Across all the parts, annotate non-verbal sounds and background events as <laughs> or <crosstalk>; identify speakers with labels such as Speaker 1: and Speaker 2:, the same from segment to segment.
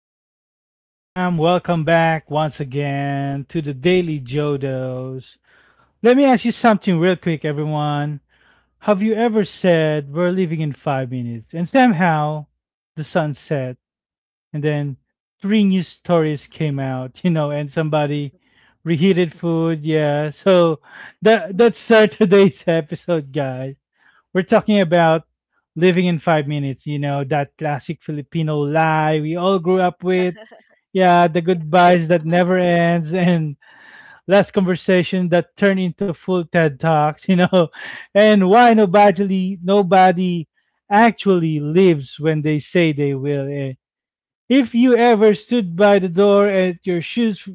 Speaker 1: what's up, fam? Welcome back once again to the Daily Jodos. Let me ask you something real quick, everyone. Have you ever said we're leaving in 5 minutes and somehow the sun set and then 3 news stories
Speaker 2: Yeah.
Speaker 1: came out, <laughs> you know, and somebody reheated food? Yeah, <laughs> so that's our <laughs> today's episode, guys. We're talking about living in 5 minutes, you know, that classic Filipino lie we all grew up with.
Speaker 3: <laughs>
Speaker 1: Yeah, the goodbyes that never ends and last conversation that turn into full TED Talks, you know, <laughs> and why nobody actually lives when they say they will. Eh. If you ever stood by the door at your shoes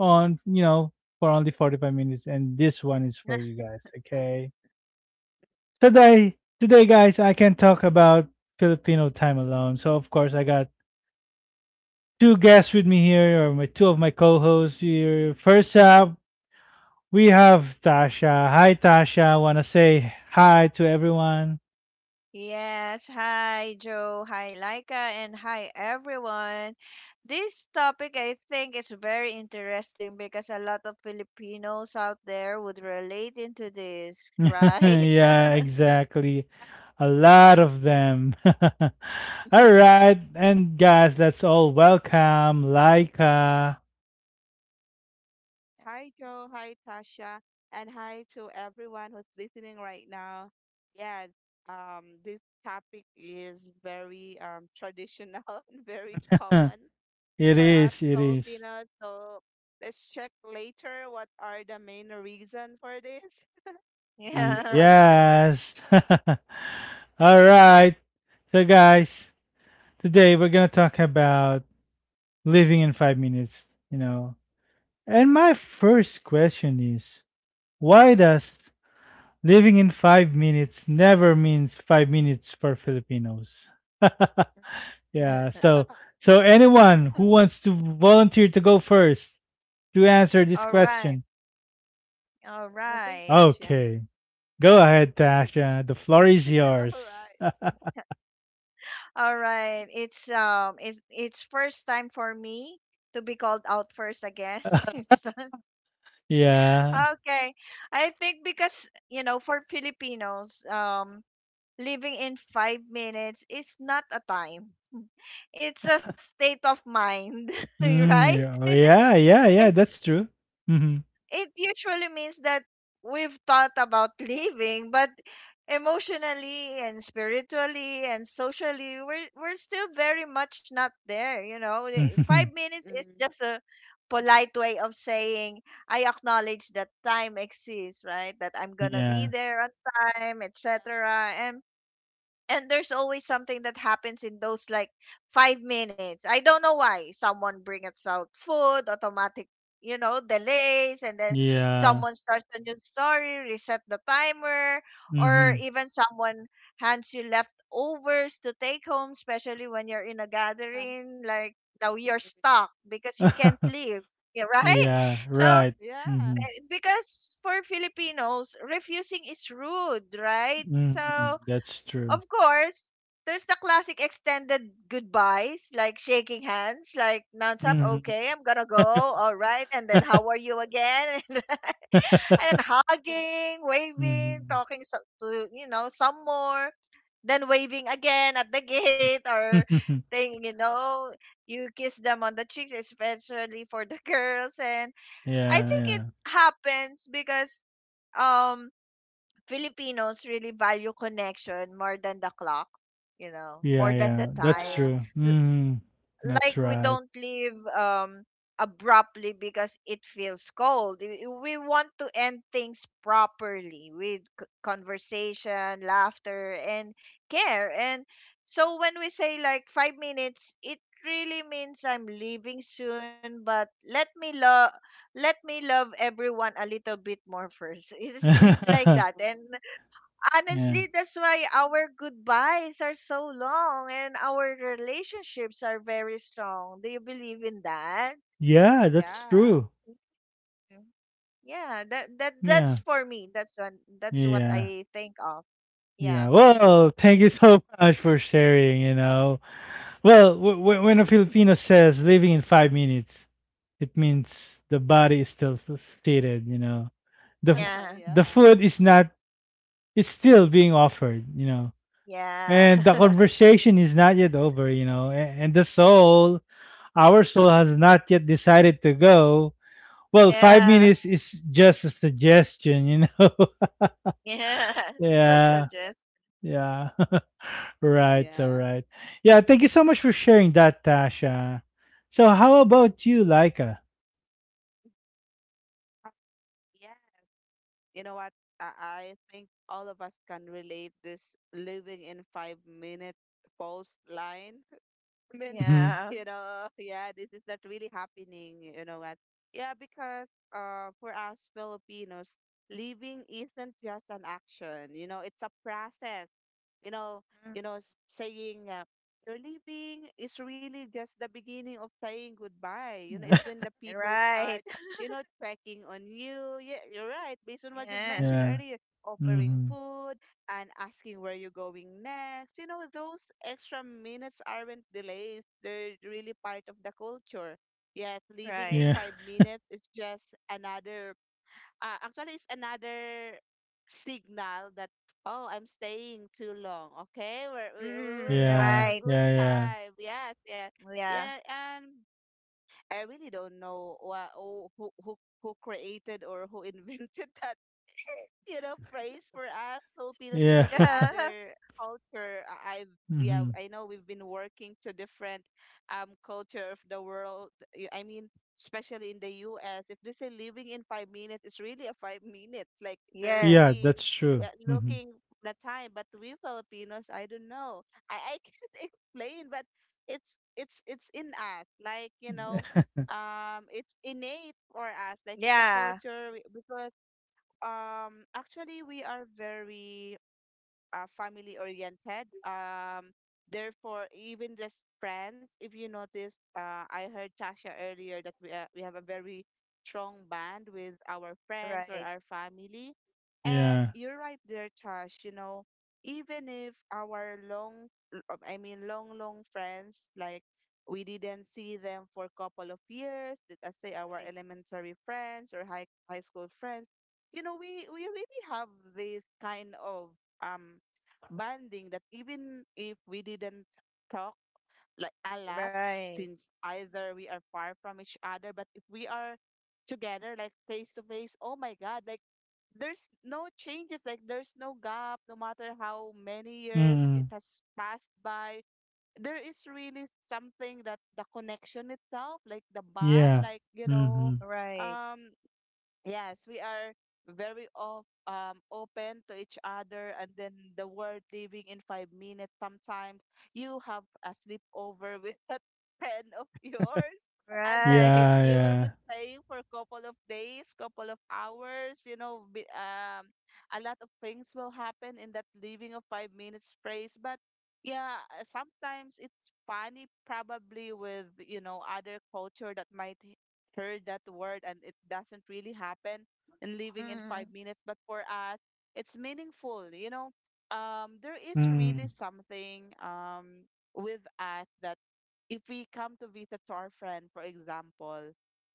Speaker 1: on, you know, for only 45 minutes, and this one is for you guys, okay? Today guys, I can talk about Filipino time alone. So of course, I got 2 guests with me here, or my 2 of my co-hosts here. First up, we have Tasha. Hi, Tasha. Want to say hi to everyone?
Speaker 3: Yes, hi Joe, hi Laika, and hi everyone. This topic I think is very interesting because a lot of Filipinos out there would relate into this,
Speaker 1: <laughs>
Speaker 3: right?
Speaker 1: Yeah, exactly. A lot of them. <laughs> All
Speaker 3: <laughs>
Speaker 1: right, and guys, let's all welcome Laika.
Speaker 2: Hi, Joe. Hi, Tasha. And hi to everyone who's listening right now. Yeah, this topic is very traditional <laughs> and very
Speaker 1: <laughs>
Speaker 2: common
Speaker 1: It
Speaker 2: for us
Speaker 1: is. It is.
Speaker 2: Filipinos. So let's check later what are the main reason for this <laughs> as we go
Speaker 3: Yeah.
Speaker 2: along. <laughs>
Speaker 1: Yes. <laughs> All right. So, guys, today we're going to talk about living in 5 minutes, you know. And my first question is, why does living in 5 minutes never means 5 minutes for Filipinos? <laughs> Yeah.
Speaker 3: <laughs>
Speaker 1: So anyone
Speaker 2: I
Speaker 1: who wants to volunteer to go first to answer
Speaker 3: All
Speaker 1: this
Speaker 3: right.
Speaker 1: question,
Speaker 3: All
Speaker 2: think
Speaker 3: right.
Speaker 2: Tasha.
Speaker 1: okay. Go ahead, Tasha. The floor
Speaker 2: She
Speaker 1: is
Speaker 2: said, all
Speaker 1: yours.
Speaker 2: right.
Speaker 3: All right. It's first time for me to be called out first again. <laughs> It's- uh,
Speaker 1: Yeah.
Speaker 3: okay. I think because you know for Filipinos living in 5 minutes is not a time. <laughs> It's a state of mind, <laughs>
Speaker 1: Mm,
Speaker 3: right?
Speaker 1: yeah, oh, yeah, yeah,
Speaker 3: It,
Speaker 1: yeah, that's true. Mhm.
Speaker 3: it usually means that we've thought about leaving, but emotionally and spiritually and socially, we're still very much not there. You know, the five
Speaker 1: Mhm. <laughs>
Speaker 3: minutes
Speaker 2: Mm,
Speaker 3: is
Speaker 2: mm.
Speaker 3: just a polite way of saying, I acknowledge that time exists, right? That I'm going to be
Speaker 1: Yeah.
Speaker 3: there on time, etc. And and there's always something that happens in those like 5 minutes. I don't know why. Someone brings out food, automatic, you know, delays, and then
Speaker 1: Yeah.
Speaker 3: someone starts a new story, reset the timer, or
Speaker 1: Mhm.
Speaker 3: even someone hands you leftovers to take home, especially when you're in a
Speaker 2: <laughs>
Speaker 3: gathering. Like now you're stuck because you can't
Speaker 1: <laughs>
Speaker 3: leave. <laughs> Yeah, right?
Speaker 1: Yeah,
Speaker 3: So
Speaker 1: right.
Speaker 2: Yeah. Yeah. Yeah.
Speaker 1: Mhm.
Speaker 3: because for Filipinos, refusing is rude, right?
Speaker 1: Mhm.
Speaker 3: So
Speaker 1: That's true.
Speaker 3: of course, there's the classic extended goodbyes, like shaking hands, like nonstop.
Speaker 1: Mhm.
Speaker 3: Okay, I'm gonna go. All right, and then how are you again? <laughs> And
Speaker 1: Mhm.
Speaker 2: Uh,
Speaker 3: then
Speaker 1: <laughs>
Speaker 3: hugging, waving, to you know some more, then waving again at the gate or
Speaker 1: <laughs>
Speaker 3: thing. You
Speaker 2: yeah.
Speaker 3: know, you kiss them on the cheeks, especially for the <laughs> girls. And I
Speaker 1: Yeah,
Speaker 3: think it
Speaker 1: yeah.
Speaker 3: happens because um Filipinos really value connection more than the clock, you know,
Speaker 1: Yeah,
Speaker 3: more than
Speaker 1: yeah,
Speaker 3: the
Speaker 1: that's
Speaker 2: Yeah.
Speaker 3: time.
Speaker 1: true.
Speaker 3: L-
Speaker 1: Mhm. That's
Speaker 3: Like we
Speaker 1: right.
Speaker 3: don't leave abruptly because it feels cold. We want to end things properly with conversation, laughter, and care. And so when we say like 5 minutes, it really means I'm leaving soon, but let me love everyone a little bit more first. <laughs> It's like
Speaker 2: Yeah.
Speaker 1: <laughs>
Speaker 3: that. And
Speaker 1: Yeah.
Speaker 3: honestly, that's why our goodbyes are so long and our relationships are very strong. Do you believe in that?
Speaker 1: Yeah, that's
Speaker 2: Yeah.
Speaker 1: true.
Speaker 3: Mm. Yeah, that that's
Speaker 1: Yeah.
Speaker 3: for me. That's one. That's what
Speaker 1: Yeah.
Speaker 3: I think of.
Speaker 1: Yeah.
Speaker 3: Yeah,
Speaker 1: Well, thank you so much for sharing, you know. Well, when a Filipino says leaving in 5 minutes, it means the body is still seated. You know, the
Speaker 2: <laughs>
Speaker 3: yeah,
Speaker 1: the
Speaker 2: Yeah.
Speaker 1: food is not, is still being offered. You know,
Speaker 3: yeah,
Speaker 1: and the
Speaker 3: <laughs>
Speaker 1: conversation is not yet over. You know, and, the soul, our soul, has not yet decided to go. Well, five
Speaker 3: yeah,
Speaker 1: minutes is just a suggestion. You know. <laughs>
Speaker 3: yeah. <laughs> So
Speaker 1: Yeah.
Speaker 3: suggest.
Speaker 1: Yeah. <laughs> Right. So
Speaker 2: Yeah.
Speaker 1: right. Yeah. Thank you so much for sharing that, Tasha. So, how
Speaker 2: Mhm.
Speaker 1: about you, Laika?
Speaker 2: Uh, Yeah. You know what? I, I think all of us can relate this living in 5 minute post line. <laughs> I mean,
Speaker 1: Mhm.
Speaker 2: you
Speaker 3: Yeah.
Speaker 2: know, yeah, this is not really happening. You know what? Yeah, because for us Filipinos, living isn't just an action. You know, it's a process. you know, you
Speaker 3: Mm.
Speaker 2: know, s- saying you're leaving is really just the beginning of saying goodbye. You know, it's when
Speaker 1: <laughs>
Speaker 2: the people start,
Speaker 3: Right. <laughs>
Speaker 2: you know, checking on you. Yeah, you're right. Based on what you've
Speaker 3: Yeah.
Speaker 2: mentioned
Speaker 1: Yeah.
Speaker 2: earlier, offering
Speaker 1: Mhm.
Speaker 2: food and asking where you're going next. You know, those extra minutes aren't delays. They're really part of the culture. Yes, leaving in
Speaker 3: Right.
Speaker 1: Yeah.
Speaker 2: 5 minutes is just another actually it's another signal that oh, I'm staying too long. Okay, we
Speaker 3: Mm,
Speaker 2: will have
Speaker 1: Yeah.
Speaker 2: a
Speaker 3: right.
Speaker 2: good
Speaker 1: Yeah, yeah.
Speaker 2: time. Yes, yeah,
Speaker 3: Yeah.
Speaker 2: yeah. And I really don't know who created or who invented <laughs> that, you know, praise for us Filipinos,
Speaker 1: Yeah.
Speaker 2: because in
Speaker 1: <laughs>
Speaker 3: Yeah. <laughs>
Speaker 2: other culture, I- I've yeah,
Speaker 1: Mhm.
Speaker 2: I know we've been working to different culture of the world. I mean, especially in the U.S., if they say living in 5 minutes, it's really a 5 minutes. Like they're
Speaker 1: Yeah,
Speaker 3: Yes.
Speaker 2: really,
Speaker 1: that's true.
Speaker 2: yeah,
Speaker 1: Mhm.
Speaker 2: looking the time. But we Filipinos, I don't know. I <laughs> can't explain, but it's in us. Like, you know. It's innate for us, like it's a
Speaker 3: Yeah.
Speaker 2: culture because actually we are very family oriented. Therefore, even just friends, if you notice, I heard Tasha earlier that we have a very strong bond with our friends or
Speaker 3: Right.
Speaker 2: our family. And
Speaker 1: Yeah.
Speaker 2: you're right there, Tash, you know, even if our I mean, long friends, like we didn't see them for a couple of years, let us say our
Speaker 3: Right.
Speaker 2: elementary friends or high school friends, you know, we really have this kind of um bonding that even if we didn't talk like a lot,
Speaker 3: Right.
Speaker 2: since either we are far from each other, but if we are together like face to face, oh my god, like there's no changes, like there's no gap no matter how many years it
Speaker 1: Mhm.
Speaker 2: has passed by. There is really something that the connection itself, like the bond,
Speaker 1: Yeah.
Speaker 2: like, you know.
Speaker 1: Mhm.
Speaker 3: Right.
Speaker 2: Um, yes, we are very op open to each other, and then the word leaving in 5 minutes. Sometimes you have a sleepover with that <laughs> friend of yours, and then
Speaker 3: Right.
Speaker 1: Yeah,
Speaker 2: you will be
Speaker 1: yeah.
Speaker 2: staying for a couple of days, couple of hours. You know, a lot of things will happen in that leaving of 5 minutes phrase. But yeah, sometimes it's funny, probably with, you know, other culture that might heard that word, and it doesn't really happen in living in five
Speaker 3: Mm.
Speaker 2: minutes but for us it's meaningful, you know. Um, there is really
Speaker 1: Mm.
Speaker 2: something, um, with us that if we come to visit to our friend, for example,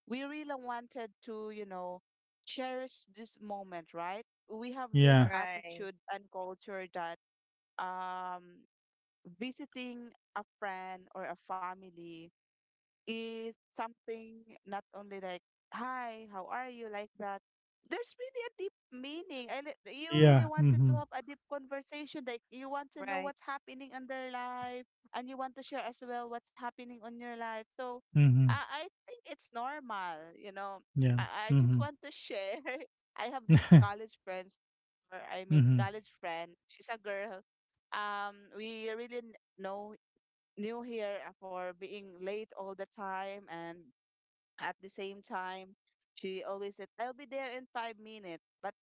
Speaker 2: we really wanted to, you know, cherish this moment, right? We have this
Speaker 1: Yeah.
Speaker 3: Right.
Speaker 2: attitude and culture that, um, visiting a friend or a family is something not only like hi, how are you, like that. There's really a deep meaning, and you really
Speaker 1: Yeah.
Speaker 2: wanted to
Speaker 1: Mhm.
Speaker 2: have a deep conversation, like you want to know
Speaker 3: Right.
Speaker 2: what's happening in their life, and you want to share as well what's happening on your life. So
Speaker 1: Mhm.
Speaker 2: I think it's normal, you know.
Speaker 1: Yeah.
Speaker 2: I just
Speaker 1: Mhm.
Speaker 2: want to share, <laughs> I have this college friends, or I mean
Speaker 1: Mhm.
Speaker 2: college friend, she's a girl. Um, we really n- know knew her, for being late all the time, and at the same time she always said I'll be there in 5 minutes, but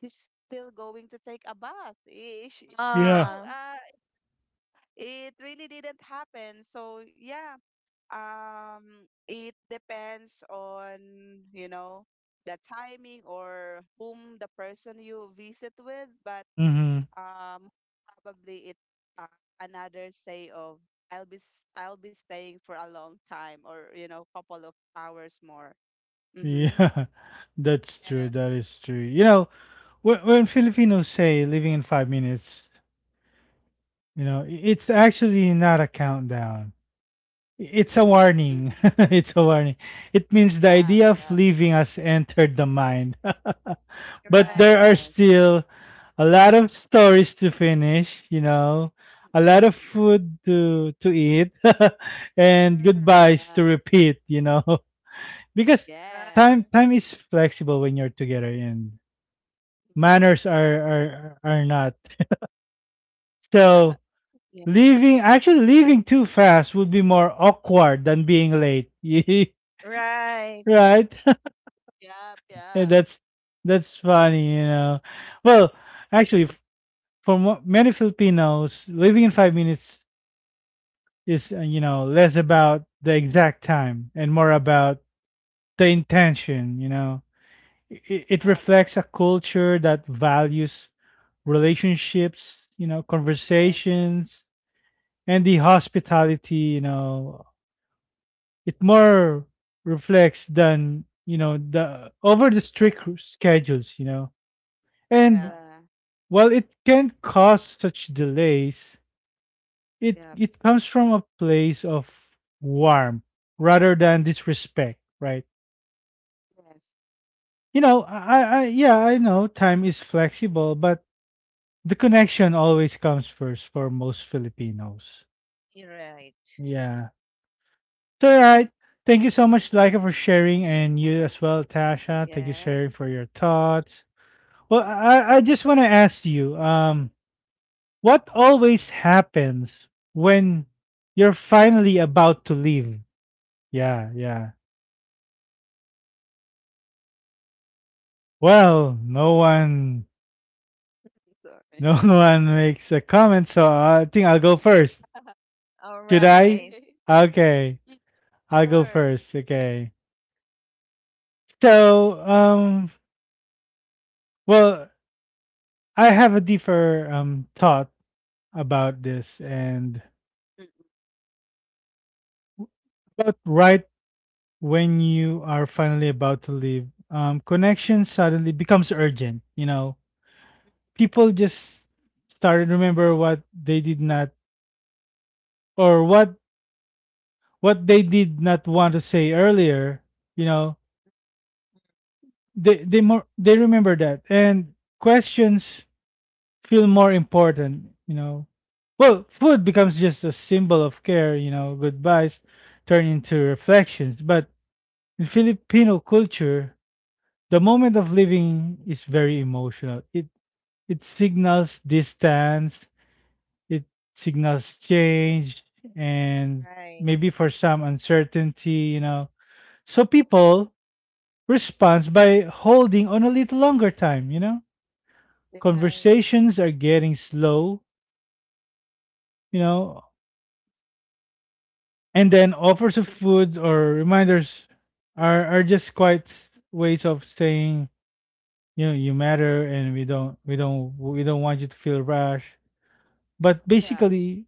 Speaker 2: she's still going to take a bath.
Speaker 1: <laughs>
Speaker 2: You
Speaker 1: Yeah.
Speaker 2: know,
Speaker 3: Ah.
Speaker 2: it really didn't happen. So yeah, um, it depends on, you know, the timing or whom the person you visit with. But
Speaker 1: Mhm.
Speaker 2: um, probably it's, uh, another say of I'll be staying for a long time or, you know, couple of hours more. Mhm.
Speaker 1: Yeah. <laughs> That's
Speaker 3: Yeah.
Speaker 1: true. That is true. You know, when Filipinos say "living in 5 minutes," you know, it's actually not a countdown. It's a
Speaker 2: Mm-mm.
Speaker 1: warning.
Speaker 2: Mm-mm.
Speaker 1: <laughs> It's a warning. It means the
Speaker 2: Yep.
Speaker 1: idea of
Speaker 2: Yep.
Speaker 1: leaving has entered the mind. <laughs> But
Speaker 2: Yes.
Speaker 1: there are
Speaker 3: Right.
Speaker 2: Yes.
Speaker 1: still a lot of stories to finish, you know, a
Speaker 2: Mm-mm.
Speaker 1: lot of
Speaker 2: Mm-mm.
Speaker 1: food to eat <laughs> and
Speaker 3: Mm.
Speaker 1: goodbyes
Speaker 2: Yeah.
Speaker 1: to repeat, you know. <laughs> Because
Speaker 2: Yes.
Speaker 1: time
Speaker 3: Right.
Speaker 1: time is flexible when you're together, and manners are not. So
Speaker 2: <laughs> Yes.
Speaker 1: leaving, actually leaving too fast would be more awkward than being late. <laughs>
Speaker 3: Right.
Speaker 1: Right?
Speaker 2: Yep.
Speaker 1: Yeah,
Speaker 2: Yep.
Speaker 1: that's funny, you know. Well, actually, for many Filipinos, living in 5 minutes is you know, less about the exact time and more about the intention. You know, it
Speaker 2: Yep.
Speaker 1: reflects a culture that values relationships, you know,
Speaker 2: Yes.
Speaker 1: conversations, and the hospitality. You know, it more reflects than, you know, the over the strict schedules. You know. And
Speaker 3: Yeah.
Speaker 2: Yeah.
Speaker 1: while it can cause such delays, it,
Speaker 2: Yep.
Speaker 1: it comes from a place of warmth rather than disrespect, right?
Speaker 2: Yes.
Speaker 1: You know, I, yeah, I know time is flexible, but the connection always comes first for most Filipinos.
Speaker 3: You're right.
Speaker 1: Yeah. So, all right. Thank you so much, Laika, for sharing, and you as well, Tasha. Thank you
Speaker 2: Yes.
Speaker 1: sharing for your thoughts. Well, I just want to ask you, what always happens when you're finally about to leave? Yeah, yeah. Well, no one,
Speaker 2: <laughs> Sorry.
Speaker 1: no <laughs> one makes a comment, so I think I'll go first.
Speaker 3: All
Speaker 1: Should I?
Speaker 3: right.
Speaker 2: <laughs> So-
Speaker 1: Okay, I'll
Speaker 2: sure.
Speaker 1: go first. Okay. So, well, I have a deeper thought about this, and
Speaker 2: Mm,
Speaker 1: but right when you are finally about to leave, connection suddenly becomes urgent. You know, people just started to remember what they did not, or what they did not want to say earlier. You know, they more they remember that, and questions feel more important, you know. Well, food becomes just a symbol of care, you know. Goodbyes
Speaker 2: yeah.
Speaker 1: turn into reflections, but in Filipino culture, the moment of living is very emotional. It signals distance. It signals change, and
Speaker 3: Right.
Speaker 1: maybe for some, uncertainty, you know. So people respond by holding on a little longer time, you know.
Speaker 2: Yeah.
Speaker 3: Right.
Speaker 1: Conversations are getting slow, you know, and then offers of food or reminders are just quite ways of saying, you know, you matter, and we don't want you to feel rash. But
Speaker 2: Yeah.
Speaker 1: basically,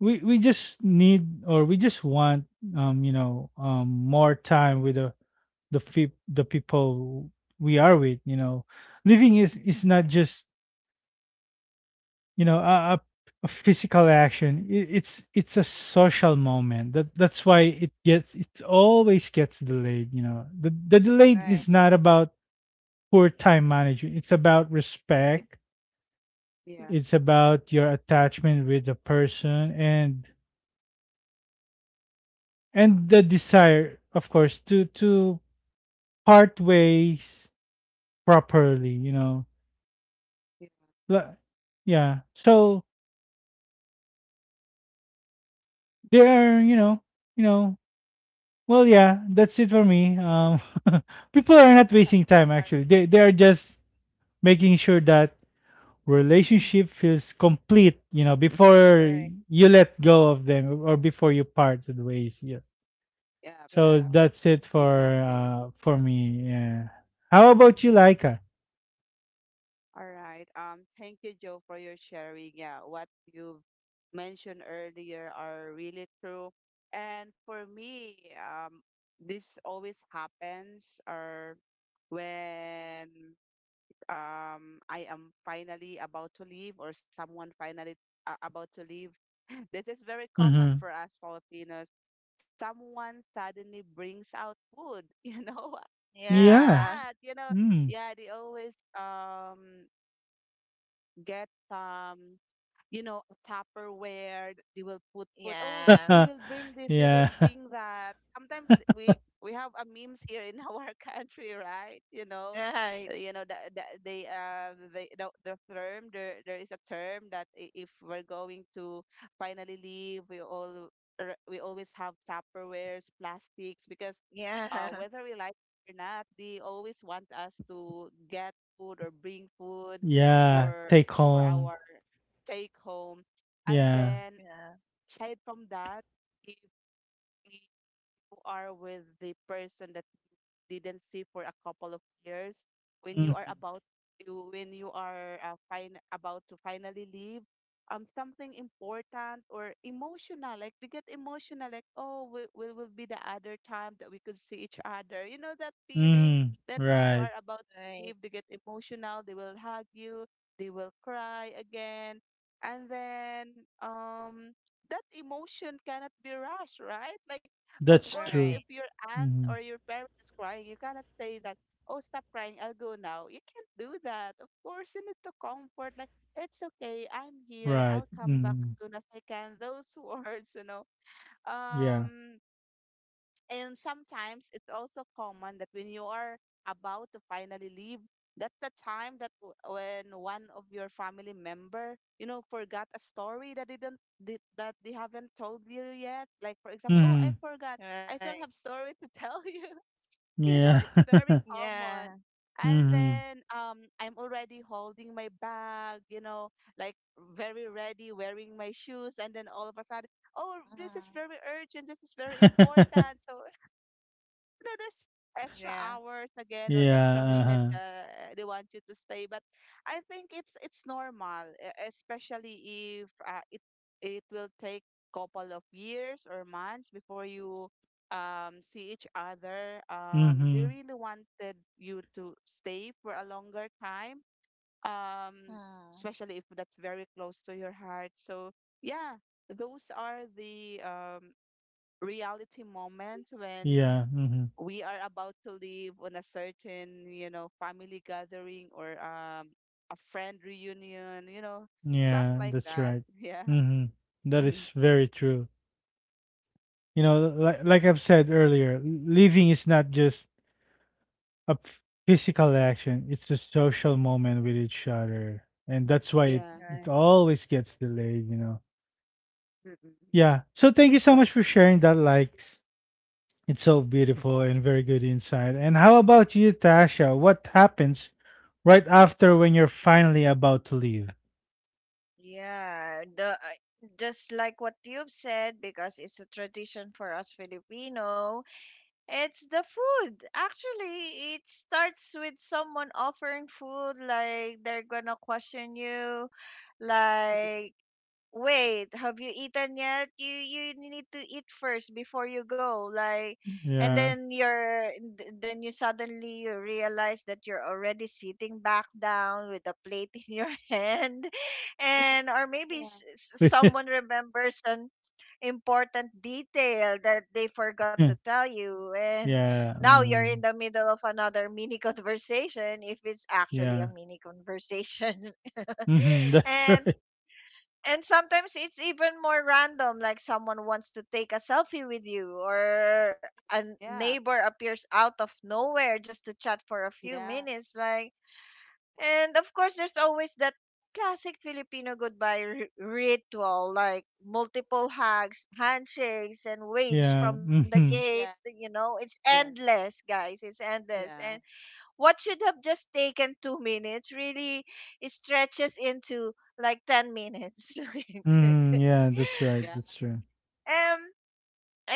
Speaker 1: we just need, or we just want, um, you know, um, more time with the the people we are with, you know. Living is not just, you know, a physical action. It, it's a social moment. That, that's why it gets, it always gets delayed, you know. The delayed is
Speaker 3: Right.
Speaker 1: not about poor time management. It's about respect.
Speaker 2: Yeah.
Speaker 1: It's about your attachment with the person, and the desire, of course, to part ways properly, you know.
Speaker 2: Yeah.
Speaker 1: Li- yeah, so they are, you know, you know, well yeah, that's it for me, um. <laughs> People are not
Speaker 2: <laughs> Uh,
Speaker 1: wasting time.
Speaker 2: all right.
Speaker 1: Actually, they
Speaker 2: Yeah,
Speaker 1: are just making sure that relationship feels complete, you know, before
Speaker 3: Right.
Speaker 1: you let go of them or before you parted ways. Yeah,
Speaker 2: yeah, yeah,
Speaker 1: so
Speaker 3: Yeah.
Speaker 1: that's it
Speaker 2: exactly.
Speaker 1: for me. Yeah. How about you, Laika?
Speaker 2: All right. Thank you, Joe, for your sharing. Yeah, what you mentioned earlier are really true. And for me, this always happens, or when I am finally about to leave or someone finally, about to leave. <laughs> This is very common
Speaker 1: Mm-hmm.
Speaker 2: for us Filipinos. Someone suddenly brings out food, <laughs> you know? You know
Speaker 1: Yeah.
Speaker 3: Yeah.
Speaker 2: that, you know.
Speaker 1: Mm.
Speaker 2: Yeah, they always get some, you know, Tupperware. They will put. Oh, you
Speaker 3: Yeah.
Speaker 1: <laughs>
Speaker 2: will bring this. You will
Speaker 1: Yeah.
Speaker 2: bring
Speaker 1: <laughs>
Speaker 2: that. Sometimes we have a memes here in <laughs> our country, right? You know,
Speaker 3: Right.
Speaker 2: uh, you know the term there, there is a term that if we're going to finally leave, we always have Tupperwares, plastics, because
Speaker 3: Yeah. <laughs>
Speaker 2: whether we like it or not, they always want us to get food or bring food
Speaker 1: Yeah.
Speaker 2: for
Speaker 1: Take
Speaker 2: for
Speaker 1: home.
Speaker 2: our take home. And
Speaker 1: Yeah.
Speaker 2: then
Speaker 3: Yeah.
Speaker 2: aside from that, if you are with the person didn't see for a couple of years, when you are
Speaker 1: Mhm.
Speaker 2: about when you are, fine about to finally leave, um, something important or emotional, like they get emotional, like oh, will be the other time that we could see each other, you know, that feeling
Speaker 1: Mhm.
Speaker 2: that you
Speaker 1: Right.
Speaker 2: are about to
Speaker 3: Right.
Speaker 2: leave, they get emotional, they will hug you, they will cry again, and then um that emotion cannot be rushed, right? Like, of
Speaker 1: That's
Speaker 2: course, if
Speaker 1: true.
Speaker 3: Right.
Speaker 2: your aunt or
Speaker 1: Mhm.
Speaker 2: your parent is crying, you cannot say that, oh, stop crying, I'll go now. You can't do that. Of course, you need to comfort, like, it's okay, I'm here,
Speaker 1: Right.
Speaker 2: I'll come back as
Speaker 1: Mhm.
Speaker 2: soon as I can. Those <laughs> words, you know.
Speaker 1: Yeah.
Speaker 2: Um, and sometimes it's also common that when you are about to finally leave, that's the time that when one of your family member, you know, forgot a story that they don't they, that they haven't told you yet. Like for example, oh, I
Speaker 1: Mhm.
Speaker 2: forgot.
Speaker 3: Right.
Speaker 2: I still have story to tell you. <laughs> You know,
Speaker 1: Yeah.
Speaker 2: it's very
Speaker 1: <laughs>
Speaker 3: Yeah.
Speaker 2: common. And
Speaker 1: Mhm.
Speaker 2: then I'm already holding my bag, you know, like very ready, wearing my shoes, and then all of a sudden, oh,
Speaker 3: Mm.
Speaker 2: this is very urgent, this is very important.
Speaker 1: <laughs>
Speaker 2: So, you know, there's extra
Speaker 3: Yeah.
Speaker 2: hours again or
Speaker 1: Yeah.
Speaker 2: extra minute,
Speaker 1: Uh-huh.
Speaker 2: they want you to stay. But I think it's normal, especially if it will take couple of years or months before you, see each other. They
Speaker 1: Mhm.
Speaker 2: really wanted you to stay for a longer time. Um,
Speaker 3: Mm.
Speaker 2: especially if that's very close to your heart. So yeah, those are the reality moments when
Speaker 1: Yeah. Mhm.
Speaker 2: we are about to leave on a certain, you know, family gathering or a friend reunion, you know, stuff
Speaker 1: Yeah.
Speaker 2: like
Speaker 1: That's
Speaker 2: that.
Speaker 1: right.
Speaker 2: <laughs> Yeah.
Speaker 1: Mhm. That is
Speaker 2: Mhm.
Speaker 1: very true. You know, like I've said earlier, living is not just a physical action. It's a social moment with each other, and that's why it,
Speaker 2: Yeah,
Speaker 1: it
Speaker 2: yeah.
Speaker 3: Right.
Speaker 1: always gets delayed. You know.
Speaker 2: Mm-mm.
Speaker 1: Yeah. So thank you so much for
Speaker 2: Exactly.
Speaker 1: sharing that. Likes. It's so beautiful and very good insight. And how about you, Tasha? What happens right after when you're finally about to leave?
Speaker 3: Yeah, just like what you've said, because it's a tradition for us Filipino, it's the food. Actually, it starts with someone offering food, like they're gonna question you,
Speaker 2: Mm-mm.
Speaker 3: like wait, have you eaten yet? You need to eat first before you go. Like, and
Speaker 1: Yeah.
Speaker 3: then then you suddenly you realize that you're already sitting back down with a plate in your <laughs> hand, and or maybe
Speaker 2: Yeah.
Speaker 1: <laughs> Yeah.
Speaker 3: someone remembers an important detail that they forgot to tell you, and now you're
Speaker 2: Mm-mm.
Speaker 3: in
Speaker 1: Mm,
Speaker 3: the middle of another mini <laughs> conversation if it's actually
Speaker 1: yeah.
Speaker 3: a mini conversation.
Speaker 1: Hmm. <laughs>
Speaker 3: <laughs>
Speaker 1: That's
Speaker 3: and
Speaker 1: right.
Speaker 3: and sometimes it's even more random, like someone wants to take a selfie with you or a
Speaker 2: Yeah.
Speaker 3: neighbor appears out of nowhere just to chat for a few
Speaker 2: Yeah.
Speaker 3: minutes. Like, and of course there's always that classic Filipino ritual, like multiple hugs, handshakes, and waves
Speaker 1: Yeah.
Speaker 3: from the
Speaker 1: Hmm.
Speaker 3: gate.
Speaker 2: Yeah.
Speaker 3: You know, it's
Speaker 2: Yeah. Yeah.
Speaker 3: endless, guys, it's endless.
Speaker 2: Yeah.
Speaker 3: What should have just taken 2 minutes really stretches into like 10 minutes. <laughs>
Speaker 1: Hmm.
Speaker 3: Like,
Speaker 1: Yeah. That's right.
Speaker 2: Yeah.
Speaker 1: That's right.
Speaker 3: um,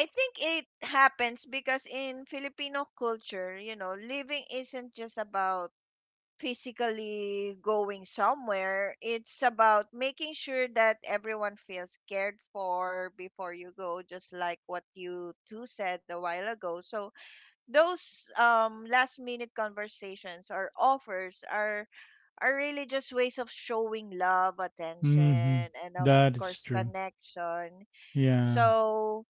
Speaker 3: I think it happens because in Filipino culture, you know, living isn't just about physically going somewhere, it's about making sure that everyone feels cared for before you go, just like what you two said a while ago. So, those last minute conversations or offers are really just ways of showing love, attention,
Speaker 1: Hmm.
Speaker 3: and of
Speaker 1: That is
Speaker 3: course,
Speaker 1: true.
Speaker 3: connection.
Speaker 1: Yeah.
Speaker 3: So,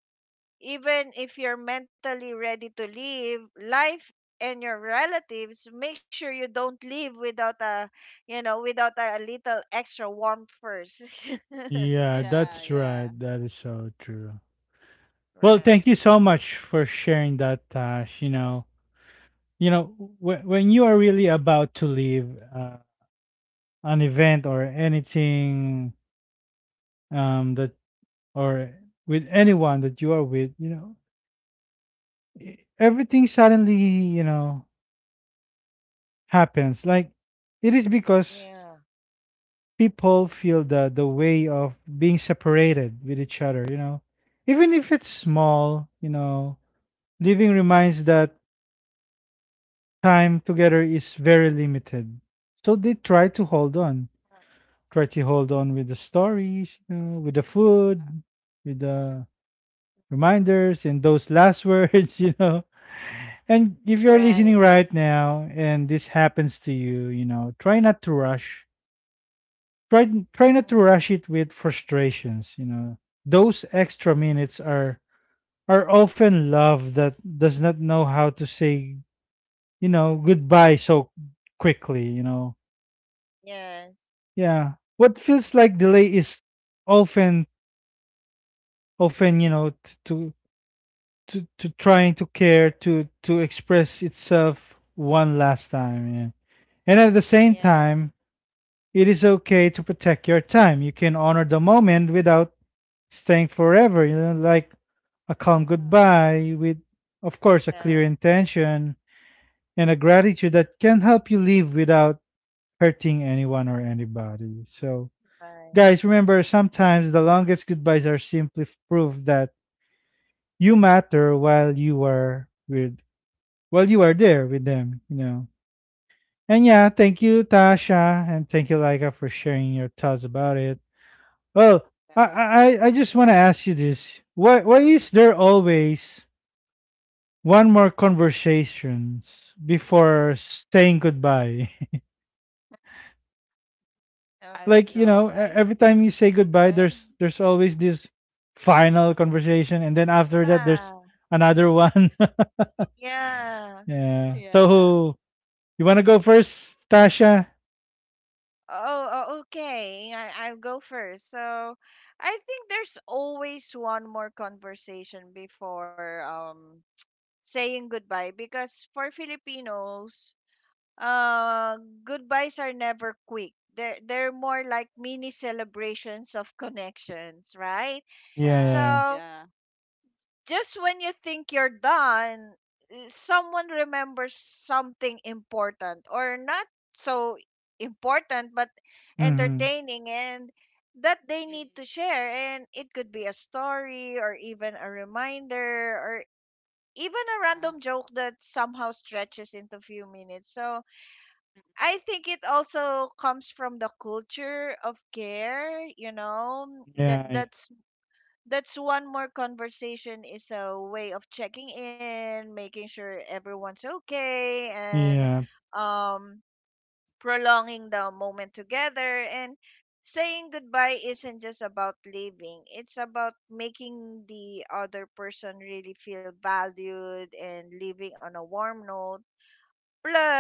Speaker 3: even if you're mentally ready to leave, life and your relatives make sure you don't leave without a you know without a little extra warmth first. <laughs>
Speaker 1: Yeah,
Speaker 2: Yeah.
Speaker 1: that's right.
Speaker 2: Yeah.
Speaker 1: That is so true. Well,
Speaker 3: Right.
Speaker 1: thank you so much for sharing that, Tash. You know, when you are really about to leave, an event or anything, that or with anyone that you are with, you know, everything suddenly, you know, happens. Like, it is
Speaker 3: Yeah.
Speaker 1: because people feel the way of being separated with each other. You know, even if it's small, you know, leaving reminds that time together is very limited. So they try to hold on, try to hold on with the stories, you know, with the
Speaker 2: Yeah.
Speaker 1: food, with the reminders, and those last <laughs> words, you know. And if you're
Speaker 3: Right.
Speaker 1: listening right now and this happens to you, you know, try not to rush.
Speaker 2: Yeah.
Speaker 1: Try
Speaker 3: Mm.
Speaker 1: not to rush it with frustrations, you know. Those extra minutes are often love that does not know how to say, you know, goodbye so quickly, you know.
Speaker 3: Yes.
Speaker 1: Yeah. What feels like delay is often, often, you know, to trying to care, to express itself one last time. Yeah. And at the same
Speaker 3: Yeah.
Speaker 1: time, it is okay to protect your time. You can honor the moment without staying forever, you know, like a calm goodbye with, of course, a clear
Speaker 3: Yeah.
Speaker 1: intention and a gratitude that can help you live without hurting anyone or anybody. So,
Speaker 3: Right.
Speaker 1: guys, remember, sometimes the longest goodbyes are simply proof that you matter while you are with, while you are there with them, you know. And yeah, thank you, Tasha, and thank you, Laika, for sharing your thoughts about it. Well, I
Speaker 2: Yeah.
Speaker 1: I, I I just wanna ask you this. Why is there always one more conversations before saying goodbye? <laughs>
Speaker 3: All
Speaker 2: I don't
Speaker 1: Like,
Speaker 3: right.
Speaker 1: you
Speaker 2: know.
Speaker 1: know,
Speaker 2: I
Speaker 1: every
Speaker 2: <laughs>
Speaker 1: time you say goodbye,
Speaker 2: yeah.
Speaker 1: there's always this final conversation, and then after that there's
Speaker 3: Yeah.
Speaker 1: another one.
Speaker 3: Yeah.
Speaker 1: <laughs> Yeah,
Speaker 2: Yeah.
Speaker 1: so you want to go first, Tasha?
Speaker 3: Oh, oh, okay. I'll go first. So, I think there's always one more conversation before saying goodbye because for Filipinos, uh, goodbyes are never quick. They're more like mini celebrations of connections, right?
Speaker 1: Yeah,
Speaker 2: Yeah.
Speaker 1: yeah.
Speaker 3: So,
Speaker 2: Yeah.
Speaker 3: just when you think you're done, someone remembers something important or not so important but
Speaker 1: Mm-hmm.
Speaker 3: entertaining and that they
Speaker 2: Mm,
Speaker 3: need to share, and it could be a story or even a reminder or even a random joke that somehow stretches into few minutes. So
Speaker 2: yeah.
Speaker 3: I think it also comes from the culture of care, you know,
Speaker 1: Yeah. Yeah.
Speaker 3: that's one more conversation, is a way of checking in, making sure everyone's okay, and
Speaker 1: Yeah.
Speaker 3: um, prolonging the moment together. And saying goodbye isn't just about leaving, it's about making the other person really feel valued and leaving on a warm note.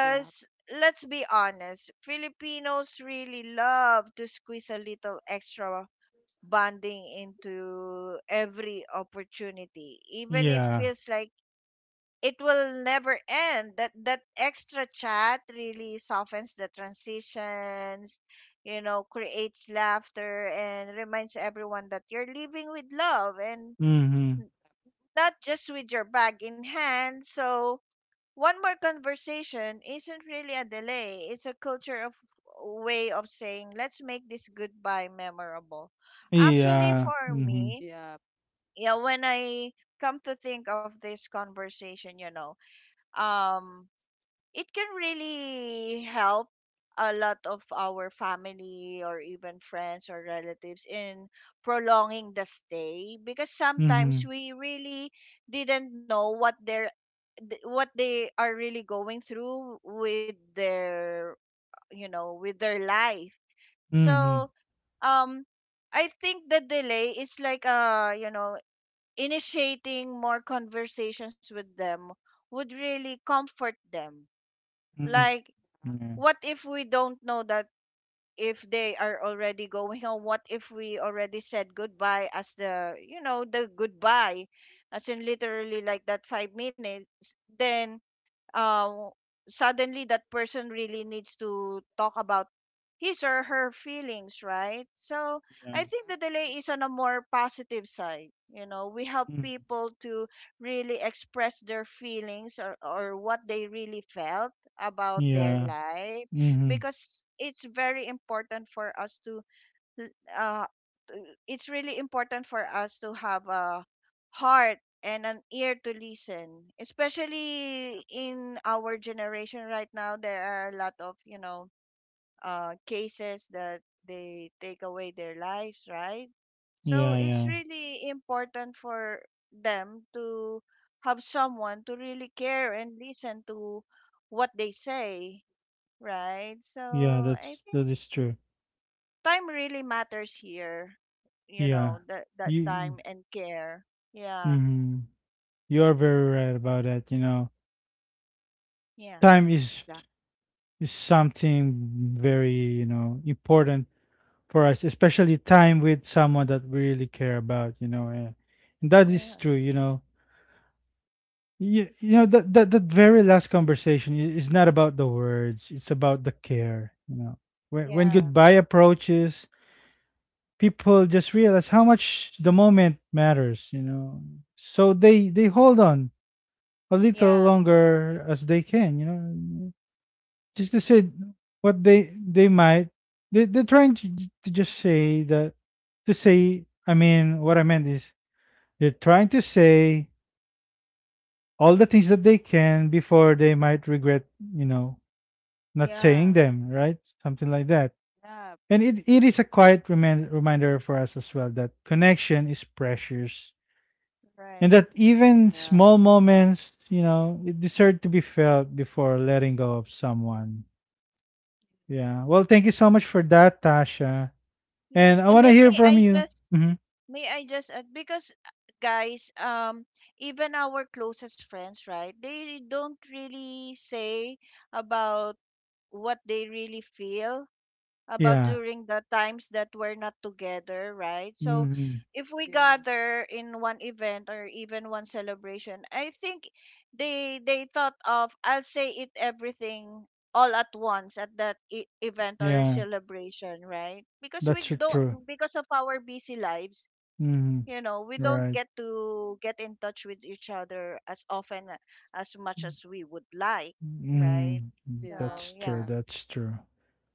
Speaker 2: Mm-mm.
Speaker 3: let's be honest, Filipinos really love to squeeze a little extra bonding into every opportunity. Even it
Speaker 1: Yeah.
Speaker 3: feels like it will never end, that that extra chat really softens the transitions, you know, creates laughter and reminds everyone that you're living with love and
Speaker 1: Mm-hmm.
Speaker 3: not just with your bag in hand. So one more conversation isn't really a delay, it's a culture of way of saying let's make this goodbye memorable. Actually
Speaker 1: Yeah.
Speaker 3: for
Speaker 1: Mm-hmm.
Speaker 3: me,
Speaker 2: Yeah.
Speaker 3: yeah, when I come to think of this conversation, you know, um it can really help a lot of our family or even friends or relatives in prolonging the stay, because
Speaker 1: Mm-hmm.
Speaker 3: sometimes we really didn't know what they are really going through with their, you know, with their life.
Speaker 1: Mm-hmm.
Speaker 3: So um I think the delay is like you know, initiating more conversations with them would really comfort them. Like,
Speaker 2: Yeah.
Speaker 1: Mm-hmm.
Speaker 3: what if we don't know that if they are already going home? What if we already said goodbye as the, you know, the goodbye, as in literally like that 5 minutes? Then uh, suddenly that person really needs to talk about his or her feelings, right? So
Speaker 1: Yeah,
Speaker 3: I
Speaker 1: yeah.
Speaker 3: think the delay is on a more positive side. You know, we help
Speaker 1: Mm-hmm.
Speaker 3: people to really express their feelings or what they really felt about their
Speaker 1: Yeah.
Speaker 3: life,
Speaker 1: Mm-hmm.
Speaker 3: because it's very important for us to l- uh, it's really important for us to have a heart and an ear to listen,
Speaker 2: Yep,
Speaker 3: especially in our generation right now. There are a lot of, you know, cases that they take away their lives, right? So
Speaker 1: Yeah,
Speaker 3: it's
Speaker 1: yeah.
Speaker 3: really important for them to have someone to really care and listen to what they say, right? So
Speaker 1: Yeah,
Speaker 3: I
Speaker 1: that's that
Speaker 3: think
Speaker 1: is true.
Speaker 3: time really matters here. You know,
Speaker 1: Yeah,
Speaker 3: that that
Speaker 1: you
Speaker 3: time and care. Yeah.
Speaker 1: mm, you are very right about that. You know,
Speaker 3: Yeah.
Speaker 1: time
Speaker 2: exactly.
Speaker 1: is something very, you know, important for us, especially time with someone that we really care about. You know, and that is
Speaker 3: Yeah.
Speaker 1: true. You know, you know that, that very last conversation is not about the words; it's about the care. You know, when
Speaker 3: Yeah.
Speaker 1: goodbye approaches, people just realize how much the moment matters, you know, so
Speaker 3: Right.
Speaker 1: they hold on a little
Speaker 3: Yeah.
Speaker 1: longer as they can, you know, just to say what they might, they're trying to just say that, to say, I mean, what I meant is, they're trying to say all the things that they can before they might regret, you know, not
Speaker 3: Yeah.
Speaker 1: saying them right, something like that.
Speaker 2: Yep,
Speaker 1: And it is a quiet reminder for us as well that connection is precious, and
Speaker 3: Right.
Speaker 1: that even
Speaker 2: yep,
Speaker 1: small moments, you know, it deserve to be felt before letting go of someone. Yeah. Well, thank you so much for that, Tasha.
Speaker 3: Yes.
Speaker 1: And I
Speaker 3: And
Speaker 1: want to hear
Speaker 3: May
Speaker 1: from
Speaker 3: I
Speaker 1: you.
Speaker 3: just
Speaker 1: Hmm.
Speaker 3: add because guys, even our closest friends, right? They don't really say about what they really feel about
Speaker 1: Yeah.
Speaker 3: during the times that we're not together, right? So
Speaker 1: Hmm.
Speaker 3: if we
Speaker 2: yeah,
Speaker 3: gather in one event or even one celebration, I think they thought of I'll say it everything all at once at that event or
Speaker 1: Yeah.
Speaker 3: celebration, right? Because
Speaker 1: That's
Speaker 3: we
Speaker 2: yeah,
Speaker 3: don't,
Speaker 1: true.
Speaker 3: because of our busy lives, you
Speaker 1: Hmm.
Speaker 3: know, we don't get
Speaker 1: Right.
Speaker 3: to get in touch with each other as often as much as we would like, right?
Speaker 1: Mm.
Speaker 2: yeah,
Speaker 3: So,
Speaker 1: That's
Speaker 2: yeah.
Speaker 3: yeah.
Speaker 1: true. That's true.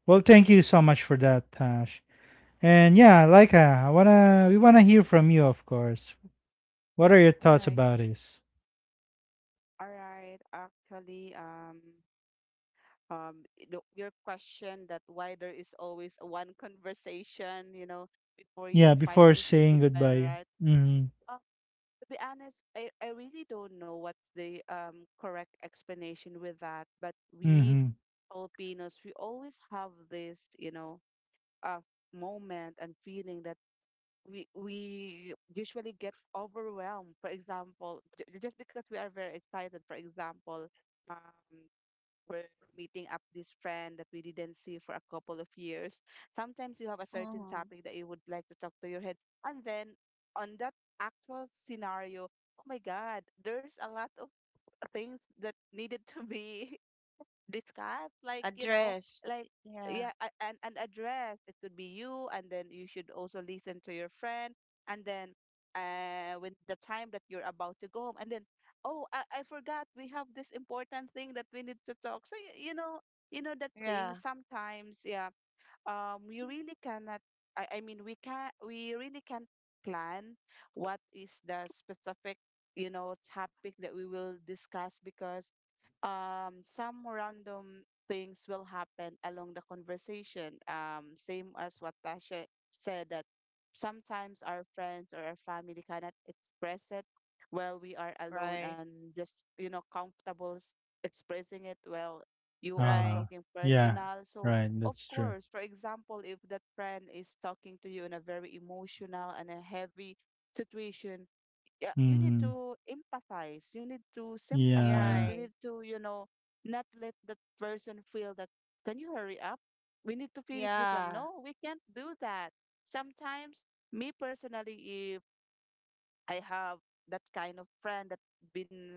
Speaker 1: Well, thank you so much for that, Tash. And yeah, like I wanna, we wanna hear from you, of course. What are your
Speaker 2: All
Speaker 1: thoughts
Speaker 2: right,
Speaker 1: about this?
Speaker 2: all right. Actually, your question that why there is always one conversation, you know, before you
Speaker 1: Yeah, before
Speaker 2: finally say
Speaker 1: saying
Speaker 2: goodbye,
Speaker 1: goodbye.
Speaker 2: right?
Speaker 1: Mhm.
Speaker 2: Uh, to be honest, I really don't know what's the correct explanation with that, but we
Speaker 1: Mhm.
Speaker 2: Filipinos, we always have this, you know, uh, moment and feeling that we usually get overwhelmed. For example, just because we are very excited, for example, um, we're meeting up this friend that we didn't see for a couple of years. Sometimes you have a certain
Speaker 3: Mm-hmm.
Speaker 2: topic that you would like to talk to your head, and then on that actual scenario, oh my God, there's a lot of things that needed to be discuss
Speaker 3: Address.
Speaker 2: like
Speaker 3: Yeah,
Speaker 2: yeah, and an address. It could be you, and then you should also listen to your friend, and then when the time that you're about to go home, and then oh, I forgot we have this important thing that we need to talk, so you know that thing
Speaker 3: yeah,
Speaker 2: sometimes, yeah. You really cannot. I mean, we really can't plan what is the specific, topic that we will discuss, because Some random things will happen along the conversation. Same as what Tasha said, that sometimes our friends or our family cannot express it while we are alone,
Speaker 3: right,
Speaker 2: and just comfortable expressing it while you are
Speaker 3: right,
Speaker 1: Uh-huh.
Speaker 2: talking
Speaker 1: Yeah.
Speaker 2: personal. So
Speaker 1: Right.
Speaker 2: of
Speaker 1: That's true.
Speaker 2: course, for example, if that friend is talking to you in a very emotional and a heavy situation, yeah, you need
Speaker 1: Mhm.
Speaker 2: to empathize, you need to sympathize, you
Speaker 1: Yeah.
Speaker 2: need
Speaker 3: right,
Speaker 2: to, not let that person feel that, can you hurry up? We need to finish this one.
Speaker 3: yeah,
Speaker 2: No, we can't do that. Sometimes, me personally, if I have that kind of friend that been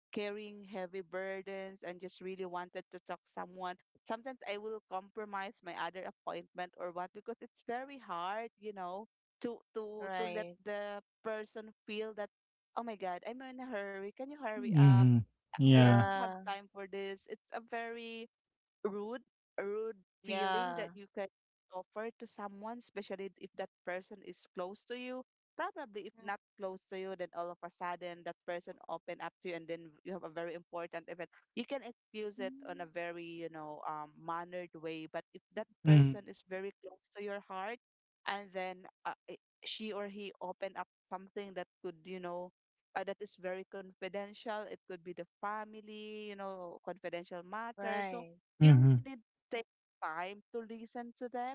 Speaker 2: carrying heavy burdens and just really wanted to talk someone, sometimes I will compromise my other appointment or what, because <laughs> it's very hard, you know, to let
Speaker 3: right,
Speaker 2: the person feel that, oh my God, I'm in a hurry, can you hurry up,
Speaker 1: Mhm.
Speaker 2: I
Speaker 1: Yeah.
Speaker 2: don't have
Speaker 3: yeah,
Speaker 2: time for this. It's a very rude rude feeling that
Speaker 3: yeah,
Speaker 2: you can offer to someone, especially if that person is close to you. Probably if
Speaker 3: mm,
Speaker 2: not close to you, then all of a sudden that person open up to you, and then you have a very important event, you can excuse it on a very, you know, mannered way. But if that person
Speaker 1: Mhm.
Speaker 2: is very close to your heart, and then uh, i- she or he open up something that could, you know, that is very confidential, it could be the family, you know, confidential matter. So
Speaker 3: right.
Speaker 2: you really
Speaker 1: Mhm.
Speaker 2: need to take time to listen to them,